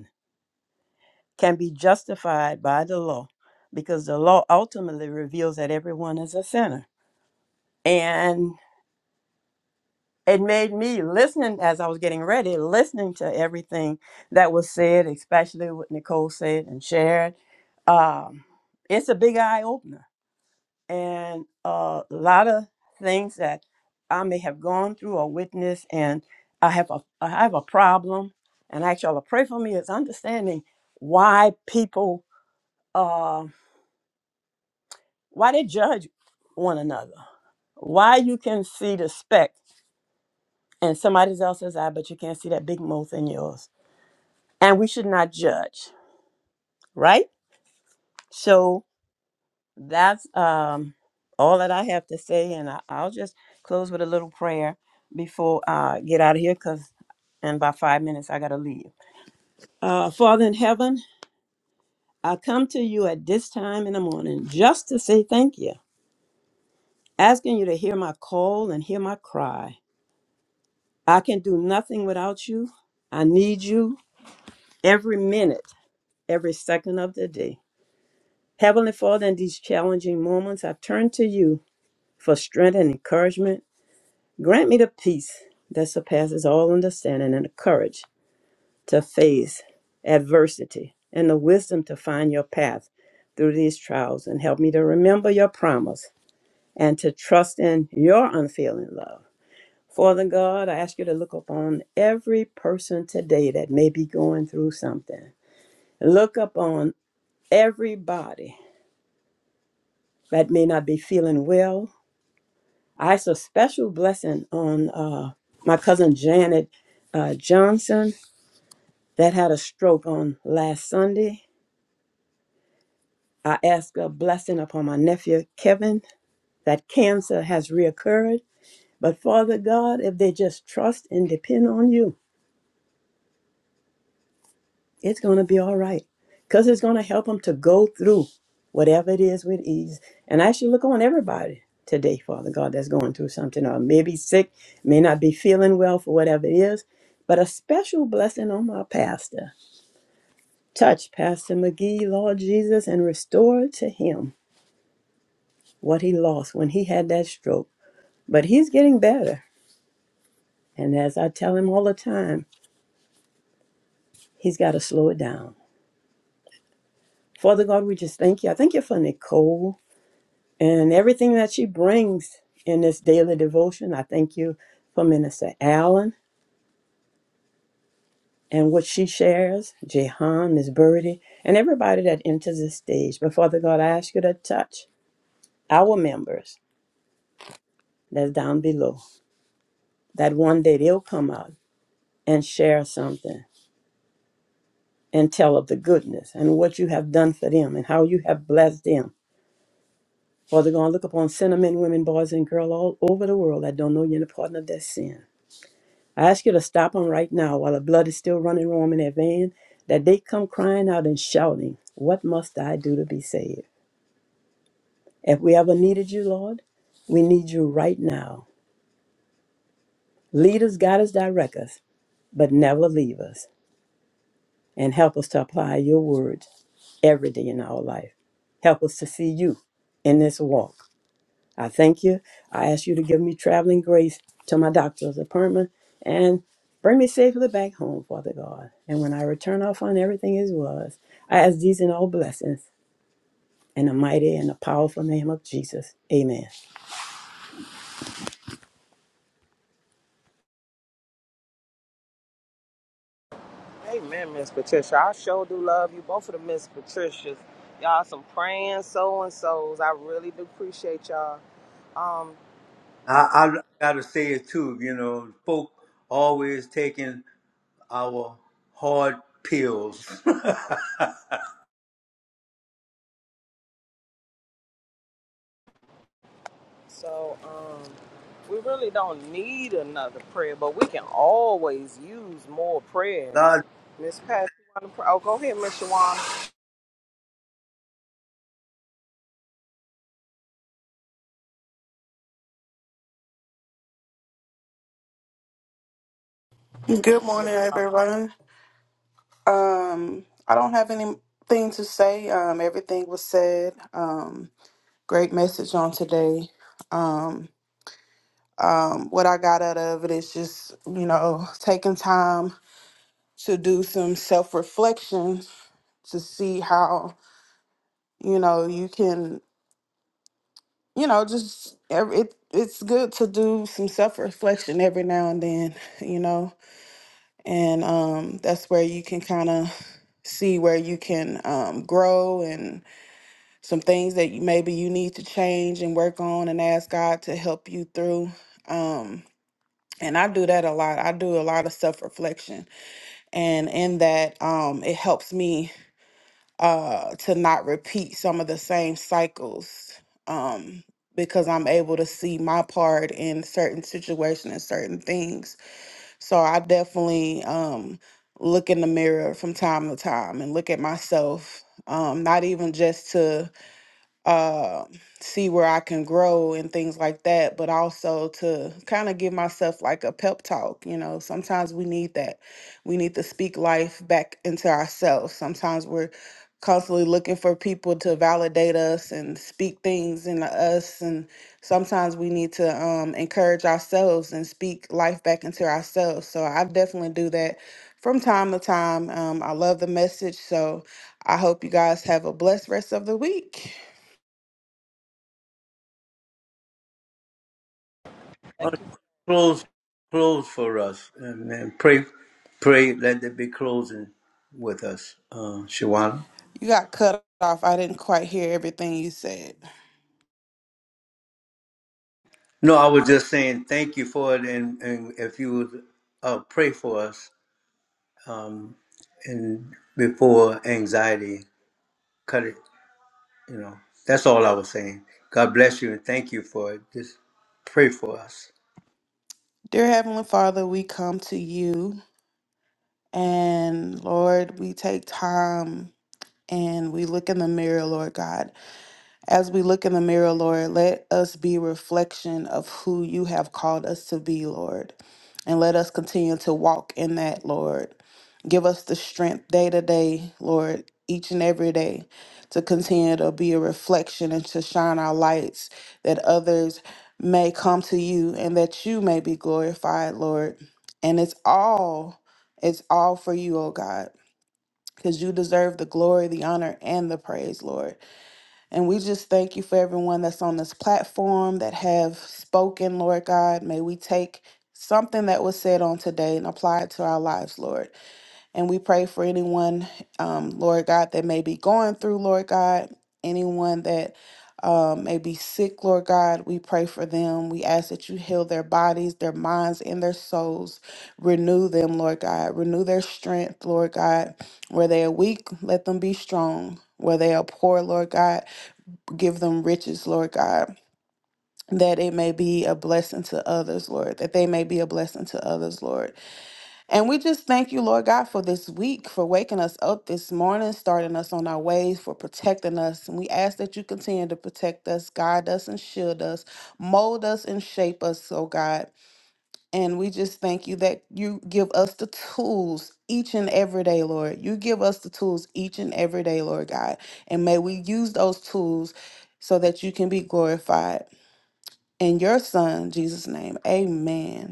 F: can be justified by the law because the law ultimately reveals that everyone is a sinner. And it made me listening as I was getting ready, listening to everything that was said, especially what Nicole said and shared. Um, it's a big eye opener. And a lot of things that I may have gone through or witnessed, and I have a, I have a problem. And actually, pray for me is understanding why people. uh, Why they judge one another? Why you can see the speck in somebody else's eye, but you can't see that big mouth in yours? And we should not judge, right? So that's um, all that I have to say, and I, I'll just close with a little prayer before I get out of here, because in about five minutes I gotta leave. Uh, Father in heaven, I come to you at this time in the morning just to say thank you, asking you to hear my call and hear my cry. I can do nothing without you. I need you every minute, every second of the day. Heavenly Father, in these challenging moments, I turn to you for strength and encouragement. Grant me the peace that surpasses all understanding and the courage to face adversity and the wisdom to find your path through these trials and help me to remember your promise and to trust in your unfailing love. Father God, I ask you to look upon every person today that may be going through something. Look upon everybody that may not be feeling well. I ask a special blessing on uh, my cousin Janet uh, Johnson that had a stroke on last Sunday. I ask a blessing upon my nephew Kevin that cancer has reoccurred. But Father God, if they just trust and depend on you, It's going to be all right because it's going to help them to go through whatever it is with ease. And I should look on everybody today, Father God, that's going through something or maybe sick, may not be feeling well for whatever it is. But a special blessing on my pastor. Touch Pastor McGee, Lord Jesus, and restore to him what he lost when he had that stroke. But he's getting better. And as I tell him all the time, he's got to slow it down. Father God, we just thank you. I thank you for Nicole. and everything that she brings in this daily devotion. I thank you for Minister Allen and what she shares, Jehan, Miss Birdie, and everybody that enters the stage. But Father God, I ask you to touch our members that's down below, that one day they'll come out and share something and tell of the goodness and what you have done for them and how you have blessed them. Father God, look upon sinner men, women, boys, and girls all over the world that don't know you in the pardon of their sin. I ask you to stop them right now while the blood is still running warm in their vein, that they come crying out and shouting, What must I do to be saved? If we ever needed you, Lord, we need you right now. Lead us, guide us, direct us, but never leave us. And help us to apply your words every day in our life. Help us to see you in this walk. I thank you. I ask you to give me traveling grace to my doctor's appointment and bring me safely back home, Father God. And when I return, I'll find everything as was. I ask these and all blessings in the mighty and the powerful name of Jesus. Amen.
C: you. Amen, Miss Patricia. I sure do love you, both of the Miss Patricias. Y'all some praying so and so's. I really do appreciate y'all. Um,
A: I, I gotta say it too, you know, folk always taking our hard pills.
C: So um, we really don't need another prayer, but we can always use more
A: God
C: prayers. Miss Pat, you want to pray? Oh, go ahead, Miss Shawan.
G: Good
C: Mi-
G: morning,
C: oh,
G: everyone. Um, I don't have anything to say. Um, everything was said. Um, great message on today. Um, um, what I got out of it is just, you know, taking time to do some self reflection to see how, you know, you can, you know, just every, it, it's good to do some self reflection every now and then, you know and um, that's where you can kind of see where you can um, grow and some things that you, maybe you need to change and work on and ask god to help you through um, and i do that a lot i do a lot of self-reflection and in that um, it helps me uh, to not repeat some of the same cycles um, because i'm able to see my part in certain situations and certain things so I definitely um, look in the mirror from time to time and look at myself, um, not even just to uh, see where I can grow and things like that, but also to kind of give myself like a pep talk. You know, sometimes we need that. We need to speak life back into ourselves. Sometimes we're constantly looking for people to validate us and speak things into us and sometimes we need to um, encourage ourselves and speak life back into ourselves so i definitely do that from time to time um, i love the message so i hope you guys have a blessed rest of the week
C: thank
A: wants to
C: you,
A: close close for us and, and pray pray let there be closing with us, uh Shawana.
G: You got cut off. I didn't quite hear everything you said.
A: No, I was just saying thank you for it, and, and if you would uh, pray for us um, and before anxiety, cut it. You know, that's all I was saying. God bless you and thank you for it. Just pray for us.
G: Dear Heavenly Father, we come to you and Lord, we take time and we look in the mirror, Lord God. As we look in the mirror, Lord, let us be reflection of who you have called us to be, Lord. And let us continue to walk in that, Lord. Give us the strength day to day, Lord, each and every day to continue to be a reflection and to shine our lights that others may come to you and that you may be glorified, Lord. And it's all, it's all for you, oh God, because you deserve the glory, the honor, and the praise, Lord. And we just thank you for everyone that's on this platform that have spoken, Lord God. May we take something that was said on today and apply it to our lives, Lord. And we pray for anyone, um, Lord God, that may be going through, Lord God, anyone that um, may be sick, Lord God. We pray for them. We ask that you heal their bodies, their minds, and their souls. Renew them, Lord God. Renew their strength, Lord God. Where they are weak, let them be strong. Where they are poor, Lord God, give them riches, Lord God, that it may be a blessing to others, Lord, that they may be a blessing to others, Lord. And we just thank you, Lord God, for this week, for waking us up this morning, starting us on our ways, for protecting us. And we ask that you continue to protect us, guide us, and shield us, mold us, and shape us, oh God. And we just thank you that you give us the tools each and every day, Lord. You give us the tools each and every day, Lord God. And may we use those tools so that you can be glorified. In your son, Jesus' name, amen.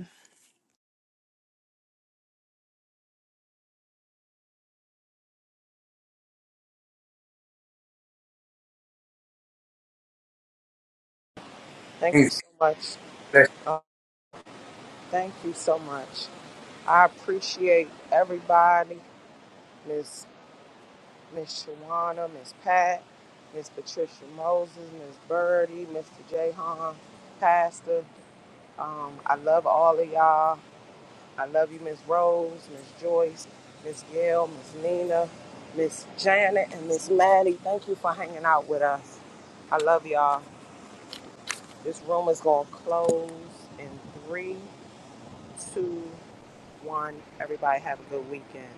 C: thank you so much. Uh, thank you so much. I appreciate everybody. Miss Miss Shawana, Miss Pat, Miss Patricia Moses, Miss Birdie, Mr. Jahan, Pastor. Um, I love all of y'all. I love you, Miss Rose, Miss Joyce, Miss Gail, Miss Nina, Miss Janet, and Miss Maddie. Thank you for hanging out with us. I love y'all. This room is going to close in three, two, one. Everybody have a good weekend.